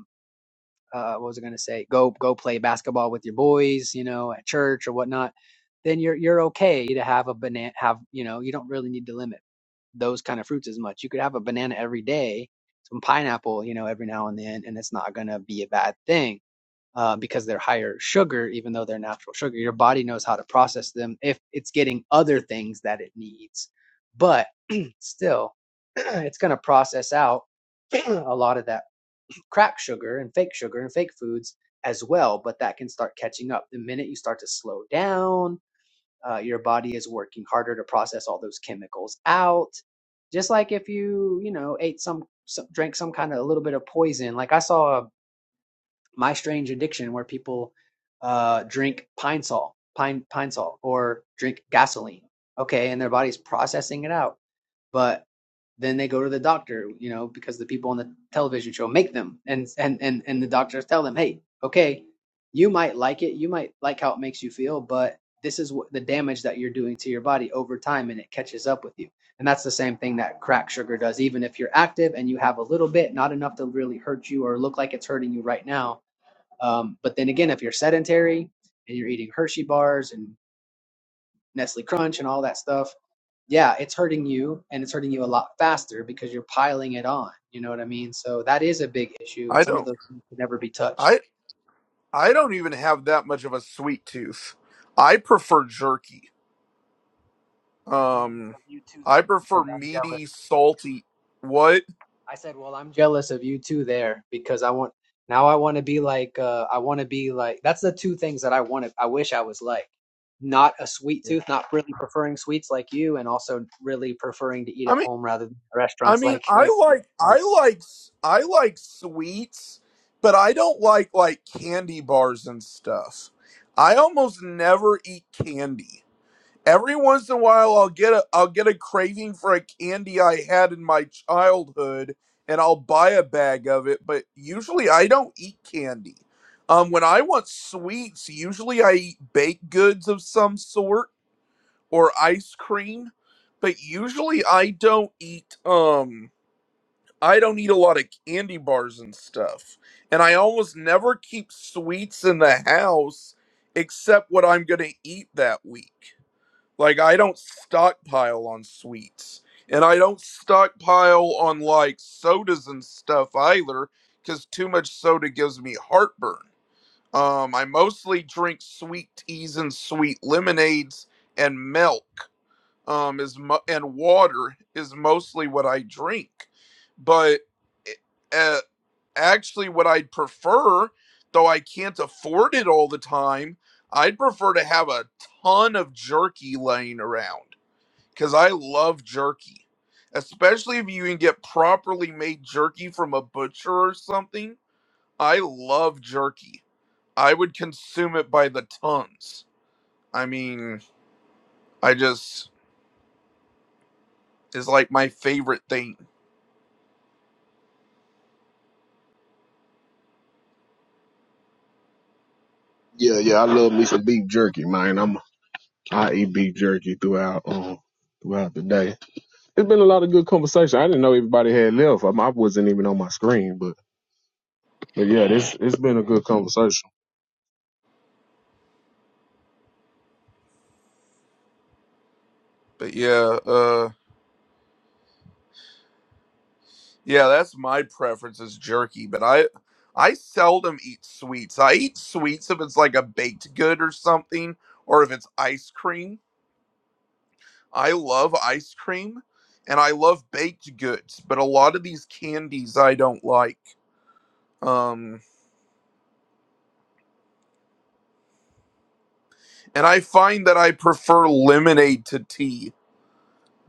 [SPEAKER 3] uh, what was I going to say? Go go play basketball with your boys, you know, at church or whatnot. Then you're you're okay to have a banana. Have you know you don't really need to limit those kind of fruits as much. You could have a banana every day, some pineapple, you know, every now and then, and it's not going to be a bad thing uh, because they're higher sugar, even though they're natural sugar. Your body knows how to process them if it's getting other things that it needs, but *clears throat* still, *clears throat* it's going to process out *clears throat* a lot of that crack sugar and fake sugar and fake foods as well, but that can start catching up. The minute you start to slow down, uh, your body is working harder to process all those chemicals out. Just like if you, you know, ate some, some drank some kind of a little bit of poison. Like I saw a, My Strange Addiction where people uh, drink pine salt, pine pine salt, or drink gasoline. Okay, and their body's processing it out but then they go to the doctor, you know, because the people on the television show make them, and and and and the doctors tell them, hey, okay, you might like it, you might like how it makes you feel, but this is what the damage that you're doing to your body over time, and it catches up with you. And that's the same thing that crack sugar does. Even if you're active and you have a little bit, not enough to really hurt you or look like it's hurting you right now. Um, but then again, if you're sedentary and you're eating Hershey bars and Nestle Crunch and all that stuff, yeah, it's hurting you and it's hurting you a lot faster because you're piling it on. You know what I mean? So that is a big issue, and
[SPEAKER 5] I
[SPEAKER 3] some of
[SPEAKER 5] don't.
[SPEAKER 3] those things could never be touched.
[SPEAKER 5] I I don't even have that much of a sweet tooth. I prefer jerky.
[SPEAKER 3] I'm jealous
[SPEAKER 5] Um,
[SPEAKER 3] of you too there
[SPEAKER 5] I prefer
[SPEAKER 3] because I'm jealous.
[SPEAKER 5] meaty, salty. What?
[SPEAKER 3] I said, well, I'm jealous of you too there because I want now I want to be like uh, I want to be like that's the two things that I want to I wish I was like not a sweet
[SPEAKER 5] Yeah.
[SPEAKER 3] tooth, not really preferring sweets like you, and also really preferring to eat
[SPEAKER 5] I
[SPEAKER 3] at
[SPEAKER 5] mean,
[SPEAKER 3] home rather than
[SPEAKER 5] I
[SPEAKER 3] restaurants
[SPEAKER 5] mean,
[SPEAKER 3] like
[SPEAKER 5] I
[SPEAKER 3] like
[SPEAKER 5] like
[SPEAKER 3] Mark.
[SPEAKER 5] I like s- I like sweets, but I don't like like candy bars and stuff. I almost never eat candy. Every once in a while I'll get a I'll get a craving for a candy I had in my childhood and I'll buy a bag of it, but usually I don't eat candy. Um when I want sweets, usually I eat baked goods of some sort or ice cream, but usually I don't eat um I don't eat a lot of candy bars and stuff. And I almost never keep sweets in the house except what I'm going to eat that week. Like, I don't stockpile on sweets. And I don't stockpile on like sodas and stuff either because too much soda gives me heartburn. Um, I mostly drink sweet teas and sweet lemonades and milk um is mo- and water is mostly what I drink. But uh, actually what I'd prefer, though I can't afford it all the time, I'd prefer to have a ton of jerky laying around cuz I love jerky. Especially if you can get properly made jerky from a butcher or something. I love jerky. I would consume it by the tons. I mean, I just is like my favorite thing.
[SPEAKER 4] yeah yeah i love me some beef jerky man i'm i eat beef jerky throughout um throughout the day It's been a lot of good conversation. I didn't know everybody had left. I, I wasn't even on my screen, but but yeah, this it's been a good conversation.
[SPEAKER 5] But yeah, uh yeah, that's my preference is jerky, but I I seldom eat sweets. I eat sweets if it's like a baked good or something or if it's ice cream. I love ice cream and I love baked goods, but a lot of these candies I don't like. Um and I find that I prefer lemonade to tea.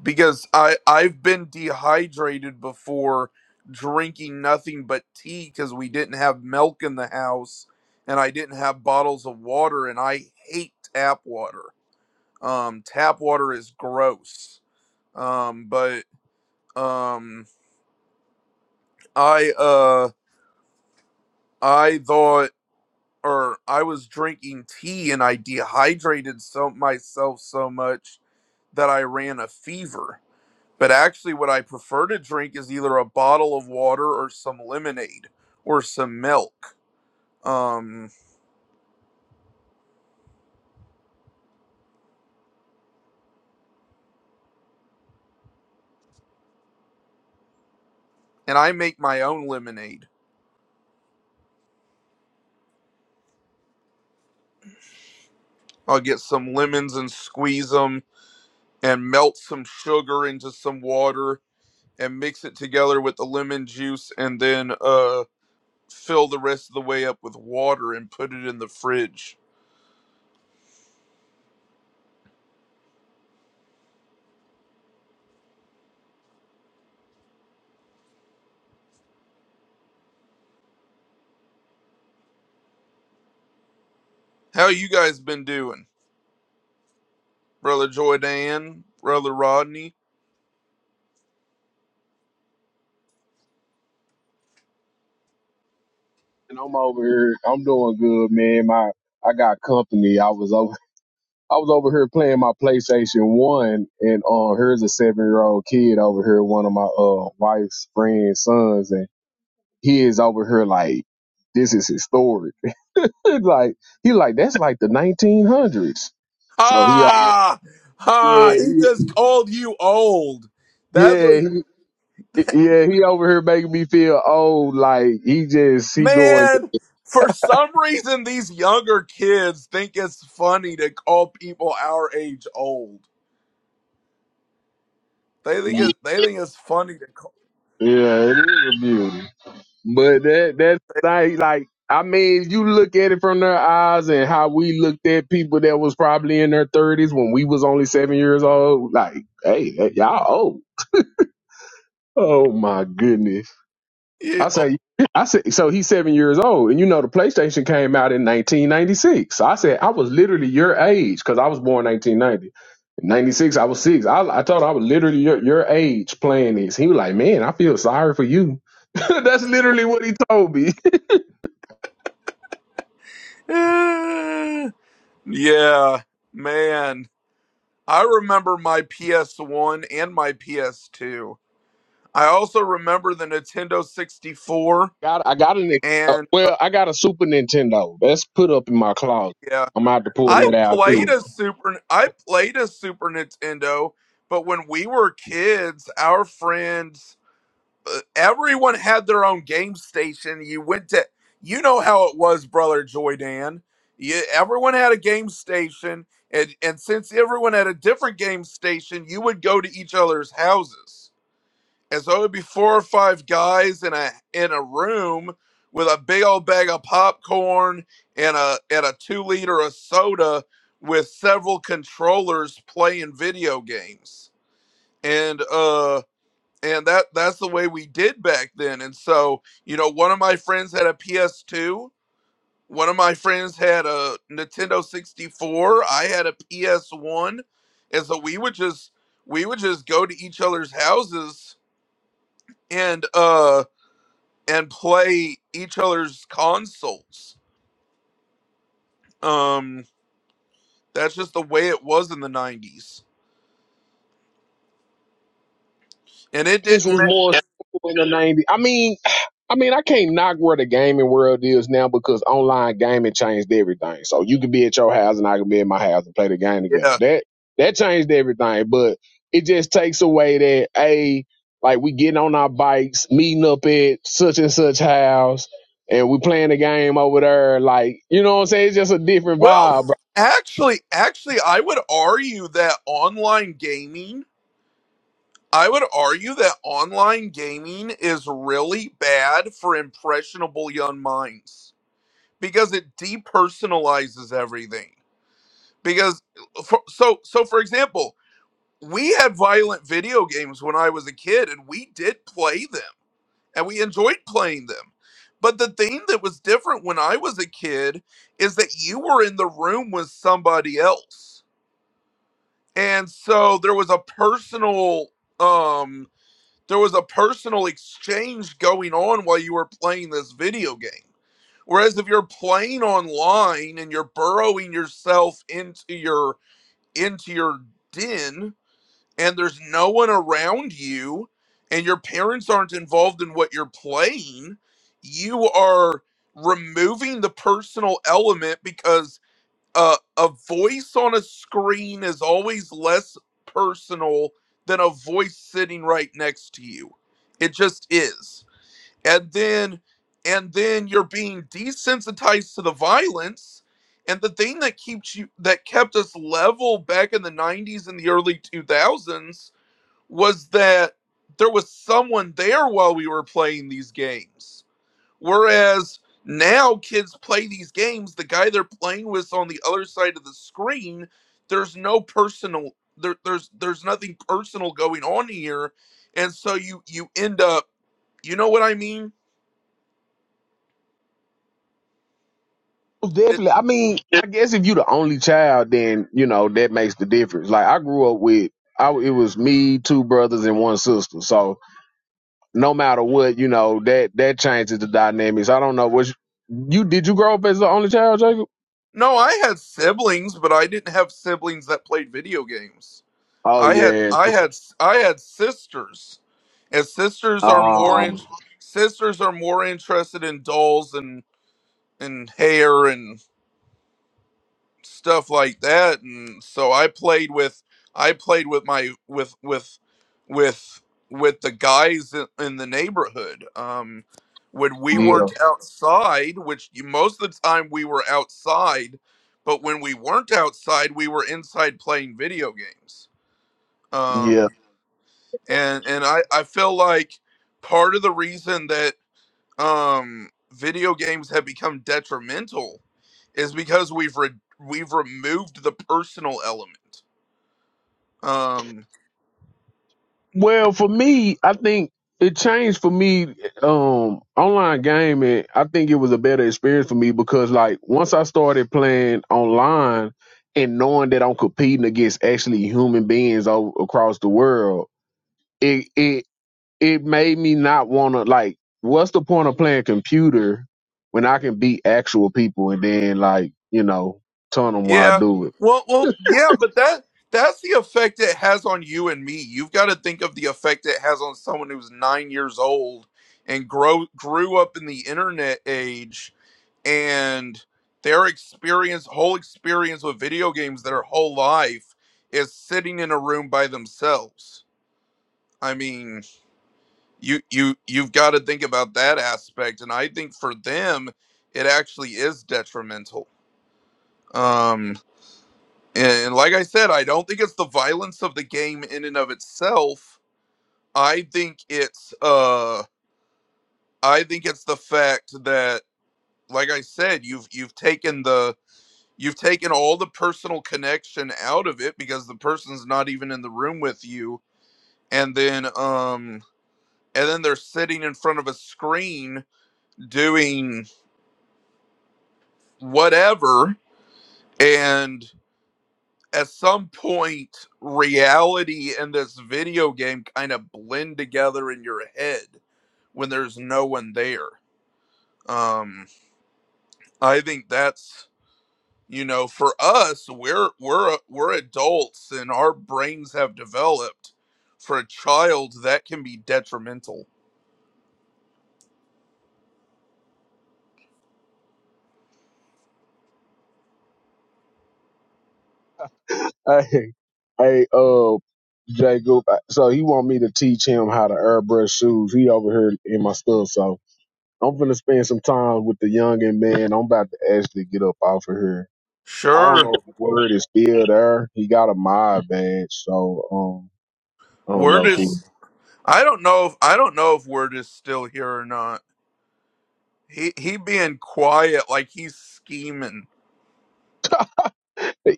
[SPEAKER 5] because I I've been dehydrated before drinking nothing but tea because we didn't have milk in the house and I didn't have bottles of water and I hate tap water. Um, tap water is gross. Um, but um, I uh I thought or I was drinking tea and I dehydrated so myself so much that I ran a fever But actually, what I prefer to drink is either a bottle of water or some lemonade or some milk. Um, and I make my own lemonade. I'll get some lemons and squeeze them and melt some sugar into some water and mix it together with the lemon juice and then uh, fill the rest of the way up with water and put it in the fridge. How you guys been doing? Brother Joydan, Brother Rodney?
[SPEAKER 4] And I'm over here. I'm doing good, man. My I got company. I was over. I was over here playing my PlayStation One, and uh, here's a seven year old kid over here, one of my uh wife's friend's sons, and he is over here like, this is historic. *laughs* It's like he like that's like the 1900s. So he, uh,
[SPEAKER 5] Ah,
[SPEAKER 4] yeah,
[SPEAKER 5] ah, he
[SPEAKER 4] he,
[SPEAKER 5] just called you old. That's
[SPEAKER 4] yeah.
[SPEAKER 5] what,
[SPEAKER 4] he, Yeah, he over here making me feel old. Like he just he going.
[SPEAKER 5] man. For some reason, these younger kids think it's funny to call people our age old. They think it. They think it's funny to call
[SPEAKER 4] Yeah, it is a beauty. But that that like like I mean, you look at it from their eyes and how we looked at people that was probably in their thirties when we was only seven years old. Like, hey, y'all old. Oh my goodness.
[SPEAKER 5] you.
[SPEAKER 4] I
[SPEAKER 5] old.
[SPEAKER 4] say, I said, so he's seven years old, and you know the PlayStation came out in 1996. So I said, I was literally your age because I was born 1990. In 96, I was six. I, I told him I was literally your, your age playing this. He was like, man, I feel sorry for you. *laughs* That's literally what he told me.
[SPEAKER 5] *sighs* Yeah, man. I remember my PS1 and my PS2. I also remember the Nintendo 64
[SPEAKER 4] *laughs* got, I got a Nic- uh,
[SPEAKER 5] and uh,
[SPEAKER 4] well, I got a Super Nintendo. That's put up in my closet.
[SPEAKER 5] yeah,
[SPEAKER 4] I'm out to pull
[SPEAKER 5] I
[SPEAKER 4] it out
[SPEAKER 5] played
[SPEAKER 4] too.
[SPEAKER 5] a super I played a Super Nintendo, but when we were kids, our friends uh, everyone had their own game station. You went to you know how it was, brother Joy Dan. You, everyone had a game station and and since everyone had a different game station, you would go to each other's houses and so it'd be four or five guys in a in a room with a big old bag of popcorn and a and a two liter of soda with several controllers playing video games. And uh and that that's the way we did back then. And so, you know, one of my friends had a PS2, one of my friends had a Nintendo 64, I had a PS1. And so we would just we would just go to each other's houses and uh and play each other's consoles. Um, that's just the way it was in the '90s, and it
[SPEAKER 4] things
[SPEAKER 5] didn't.
[SPEAKER 4] was
[SPEAKER 5] ma-
[SPEAKER 4] more in the nineties. I mean, I mean, I can't knock where the gaming world is now because online gaming changed everything. So you could be at your house and I could be at my house and play the game together.
[SPEAKER 5] Yeah.
[SPEAKER 4] That that changed everything, but it just takes away that a like we getting on our bikes, meeting up at such and such house, and we playing the game over there. Like you know what I'm saying? It's just a different
[SPEAKER 5] Well,
[SPEAKER 4] vibe.
[SPEAKER 5] actually, actually, I would argue that online gaming. I would argue that online gaming is really bad for impressionable young minds because it depersonalizes everything. Because, for, so, so for example, we had violent video games when I was a kid, and we did play them and we enjoyed playing them. But the thing that was different when I was a kid is that you were in the room with somebody else. And so there was a personal um there was a personal exchange going on while you were playing this video game. Whereas if you're playing online and you're burrowing yourself into your into your den, and there's no one around you and your parents aren't involved in what you're playing, you are removing the personal element because uh, a voice on a screen is always less personal than a voice sitting right next to you. It just is. And then and then you're being desensitized to the violence and the thing that keeps you that kept us level back in the 90s and the early 2000s was that there was someone there while we were playing these games. Whereas now kids play these games, the guy they're playing with on the other side of the screen, there's no personal there, there's there's nothing personal going on here. And so you you end up you know what I mean? It,
[SPEAKER 4] Definitely. I mean, I guess if you the only child, then you know that makes the difference. Like I grew up with, I it was me, two brothers, and one sister. So no matter what, you know that that changes the dynamics. I don't know what you, you did. You grow up as the only child, Jacob?
[SPEAKER 5] no, I had siblings, but I didn't have siblings that played video games.
[SPEAKER 4] Oh
[SPEAKER 5] I had
[SPEAKER 4] yeah.
[SPEAKER 5] I had I had sisters, and sisters are more in,
[SPEAKER 4] Um.
[SPEAKER 5] sisters are more interested in dolls and and hair and stuff like that. And so I played with I played with my with with with with the guys in, in the neighborhood. Um, when we
[SPEAKER 4] Yeah.
[SPEAKER 5] weren't outside, which you- most of the time we were outside, but when we weren't outside, we were inside playing video games.
[SPEAKER 4] Yeah.
[SPEAKER 5] Um, and and I I feel like part of the reason that um video games have become detrimental is because we've re- we've removed the personal element. Um,
[SPEAKER 4] Well, for me, I think it changed for me um online gaming. I think it was a better experience for me because like once I started playing online and knowing that I'm competing against actually human beings all across the world, it it it made me not want to like what's the point of playing computer when I can beat actual people and then like, you know, tell them why I
[SPEAKER 5] Yeah.
[SPEAKER 4] do it.
[SPEAKER 5] Well, well, yeah, but that that's the effect it has on you and me. You've got to think of the effect it has on someone who's 9 years old and grow grew up in the internet age and their experience whole experience with video games their whole life is sitting in a room by themselves. I mean, you you you've got to think about that aspect and I think for them it actually is detrimental. Um And like I said, I don't think it's the violence of the game in and of itself. I think it's uh I think it's the fact that like I said, you've you've taken the you've taken all the personal connection out of it because the person's not even in the room with you and then um and then they're sitting in front of a screen doing whatever and. at some point reality and this video game kind of blend together in your head when there's no one there um i think that's you know for us we're we're we're adults and our brains have developed for a child that can be detrimental
[SPEAKER 4] *laughs* Hey, hey, uh, Jacob. I- So he want me to teach him how to airbrush shoes. He over here in my stuff. So I'm gonna spend some time with the youngin' man. I'm about to actually get up off of here. I don't
[SPEAKER 5] sure
[SPEAKER 4] know if the word is still there. He got a mod badge, so um, I don't
[SPEAKER 5] we're
[SPEAKER 4] know if he
[SPEAKER 5] just i don't know if i don't know if we're just still here or not he he being quiet like he's scheming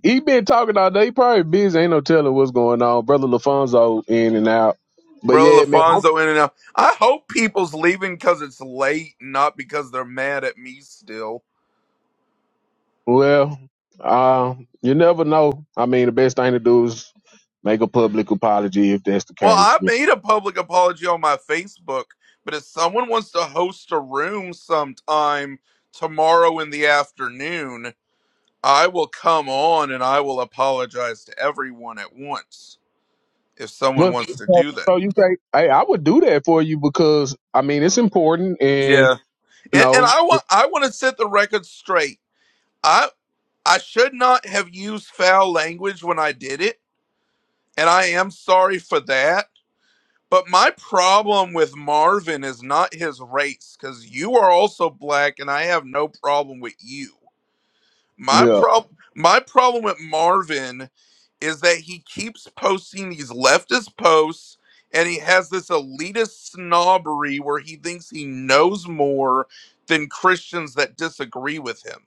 [SPEAKER 4] he been talking all day. He probably busy. Ain't no telling what's going on. Brother Lafonso in and out. But
[SPEAKER 5] Bro,
[SPEAKER 4] yeah, man, I'm
[SPEAKER 5] Lafonso in and out. I hope people's leaving because it's late, not because they're mad at me still.
[SPEAKER 4] Well, uh, you never know. I mean, the best thing to do is make a public apology if that's the
[SPEAKER 5] Well,
[SPEAKER 4] case.
[SPEAKER 5] I made a public apology on my Facebook, but if someone wants to host a room sometime tomorrow in the afternoon, I will come on and I will apologize to everyone at once if someone
[SPEAKER 4] Well,
[SPEAKER 5] wants to
[SPEAKER 4] so,
[SPEAKER 5] do that.
[SPEAKER 4] so you say, hey, I would do that for you because I mean it's important, and
[SPEAKER 5] Yeah.
[SPEAKER 4] you
[SPEAKER 5] And, and
[SPEAKER 4] know,
[SPEAKER 5] I want I want to set the record straight. I I should not have used foul language when I did it and I am sorry for that. But my problem with Marvin is not his race, because you are also black, and I have no problem with you. My
[SPEAKER 4] yeah. All
[SPEAKER 5] problem, my problem with Marvin is that he keeps posting these leftist posts, and he has this elitist snobbery where he thinks he knows more than Christians that disagree with him.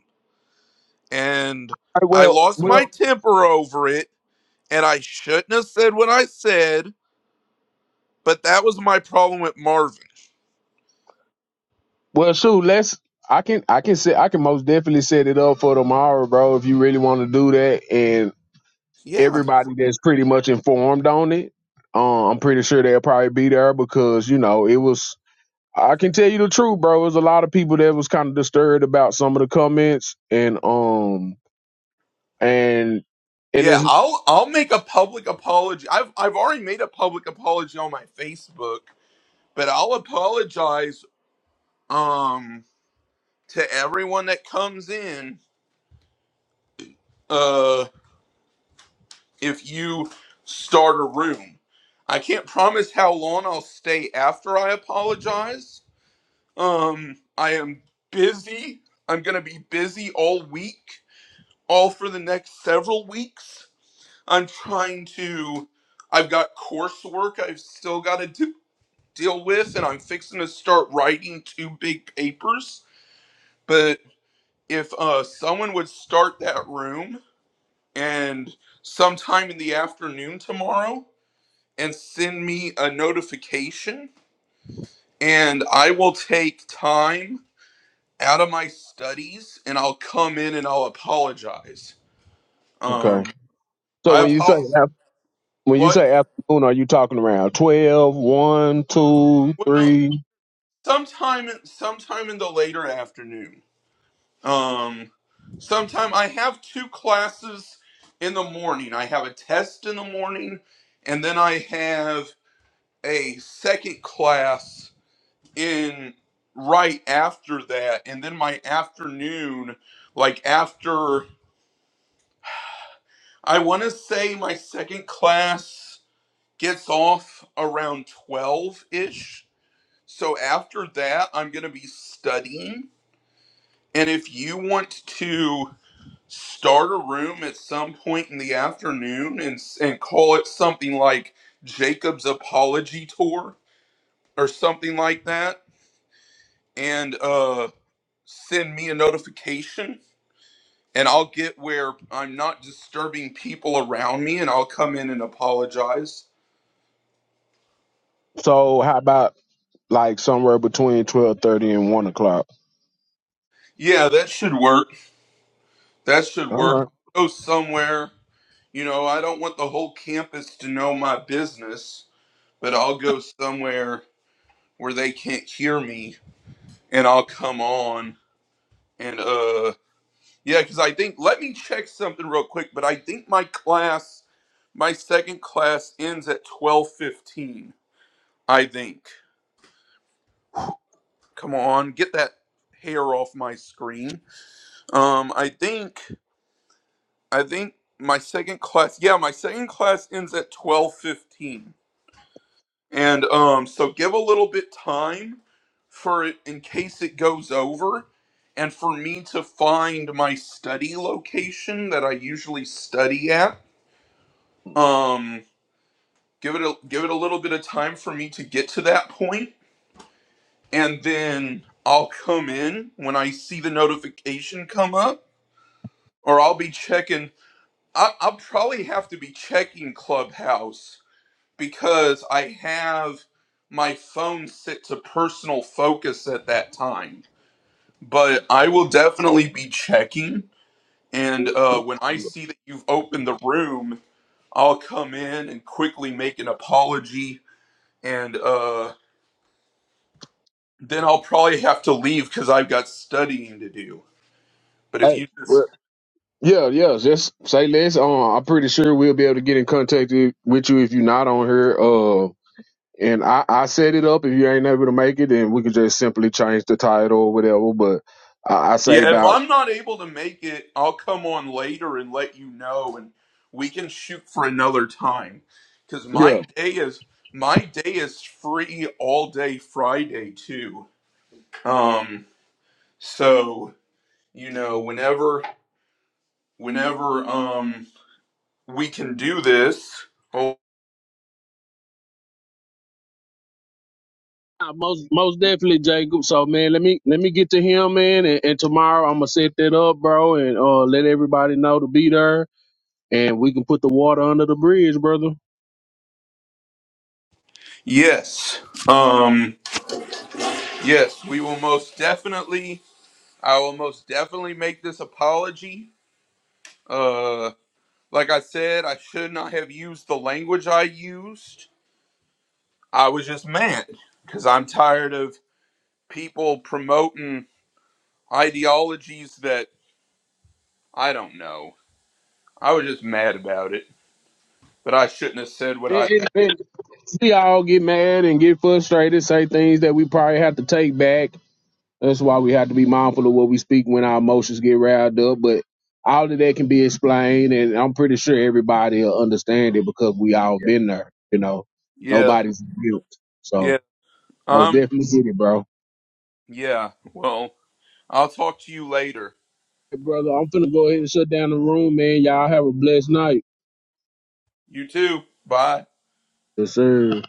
[SPEAKER 5] And
[SPEAKER 4] right,
[SPEAKER 5] I
[SPEAKER 4] well,
[SPEAKER 5] lost my
[SPEAKER 4] well,
[SPEAKER 5] temper over it, and I shouldn't have said what I said But that was my problem with Marvin.
[SPEAKER 4] well, shoot, let's. I can, I can say, I can most definitely set it up for tomorrow, bro. If you really want to do that, and
[SPEAKER 5] Yeah.
[SPEAKER 4] everybody that's pretty much informed on it, uh, I'm pretty sure they'll probably be there because you know it was I can tell you the truth, bro. There's a lot of people that was kind of disturbed about some of the comments, and um, and and
[SPEAKER 5] Yeah,
[SPEAKER 4] it's
[SPEAKER 5] I'll I'll make a public apology. I've I've already made a public apology on my Facebook, but I'll apologize um to everyone that comes in uh if you start a room. I can't promise how long I'll stay after I apologize. Um I am busy. I'm going to be busy all week, all for the next several weeks. I'm trying to. I've got coursework I've still got to do, deal with, and I'm fixing to start writing two big papers. But if uh, someone would start that room and sometime in the afternoon tomorrow and send me a notification, and I will take time out of my studies and I'll come in and I'll apologize. Um,
[SPEAKER 4] okay. So
[SPEAKER 5] I
[SPEAKER 4] when you say
[SPEAKER 5] apologize.
[SPEAKER 4] af- when you
[SPEAKER 5] What?
[SPEAKER 4] say afternoon, are you talking around twelve, one, two,
[SPEAKER 5] Well,
[SPEAKER 4] three?
[SPEAKER 5] sometime sometime in the later afternoon um sometime i have two classes in the morning i have a test in the morning and then i have a second class in right after that and then my afternoon like after i want to say my second class gets off around 12 ish so after that i'm going to be studying And if you want to start a room at some point in the afternoon and and call it something like Jacob's apology tour or something like that and uh send me a notification and I'll get where I'm not disturbing people around me and I'll come in and apologize.
[SPEAKER 4] So how about like somewhere between twelve thirty and one o'clock?
[SPEAKER 5] Yeah, that should work. That should
[SPEAKER 4] All
[SPEAKER 5] work. Go somewhere, you know, I don't want the whole campus to know my business, but I'll go somewhere where they can't hear me and I'll come on and uh yeah, cuz I think let me check something real quick, but I think my class my second class ends at 12:15, I think. Come on, get that hair off my screen. Um I think I think my second class yeah, my second class ends at 12:15. And um, so give a little bit time for it in case it goes over and for me to find my study location that I usually study at. Um, give it a give it a little bit of time for me to get to that point and then I'll come in when I see the notification come up or I'll be checking I, I'll probably have to be checking Clubhouse because I have my phone set to personal focus at that time. But I will definitely be checking. And uh, when I see that you've opened the room, I'll come in and quickly make an apology. And uh, then I'll probably have to leave because I've got studying to do.
[SPEAKER 4] right.
[SPEAKER 5] But if you
[SPEAKER 4] Hey.
[SPEAKER 5] just
[SPEAKER 4] well, Yeah, yeah. Just say less. Um, I'm pretty sure we'll be able to get in contact i- with you if you're not on here. uh, and I, I set it up. If you ain't able to make it, then we can just simply change the title or whatever. But I, I say
[SPEAKER 5] Yeah, if
[SPEAKER 4] about
[SPEAKER 5] I'm not able to make it, I'll come on later and let you know, and we can shoot for another time. Because my
[SPEAKER 4] yeah,
[SPEAKER 5] day is my day is free all day Friday too. Um, so you know, whenever whenever um we can do this. Oh
[SPEAKER 4] Uh, most most definitely, Jacob. So man, let me let me get to him, man, and, and tomorrow I'm gonna set that up, bro, and uh let everybody know to be there, and we can put the water under the bridge, brother.
[SPEAKER 5] yes, um, yes, we will most definitely. I will most definitely make this apology. Uh. Like I said, I should not have used the language I used. I was just mad because I'm tired of people promoting ideologies that I don't know. I was just mad about it, but I shouldn't have said what I.
[SPEAKER 4] And, and, and we all get mad and get frustrated, say things that we probably have to take back, That's why we have to be mindful of what we speak when our emotions get riled up. But all of that can be explained, and I'm pretty sure everybody will understand it because we all been there. You know,
[SPEAKER 5] Yeah,
[SPEAKER 4] nobody's guilt. So
[SPEAKER 5] yeah.
[SPEAKER 4] most
[SPEAKER 5] Um,
[SPEAKER 4] definitely get it, bro.
[SPEAKER 5] yeah. Well, I'll talk to you later.
[SPEAKER 4] Hey, brother, I'm finna go ahead and shut down the room, man. Y'all have a blessed night.
[SPEAKER 5] You too. Bye.
[SPEAKER 4] Yes, sir.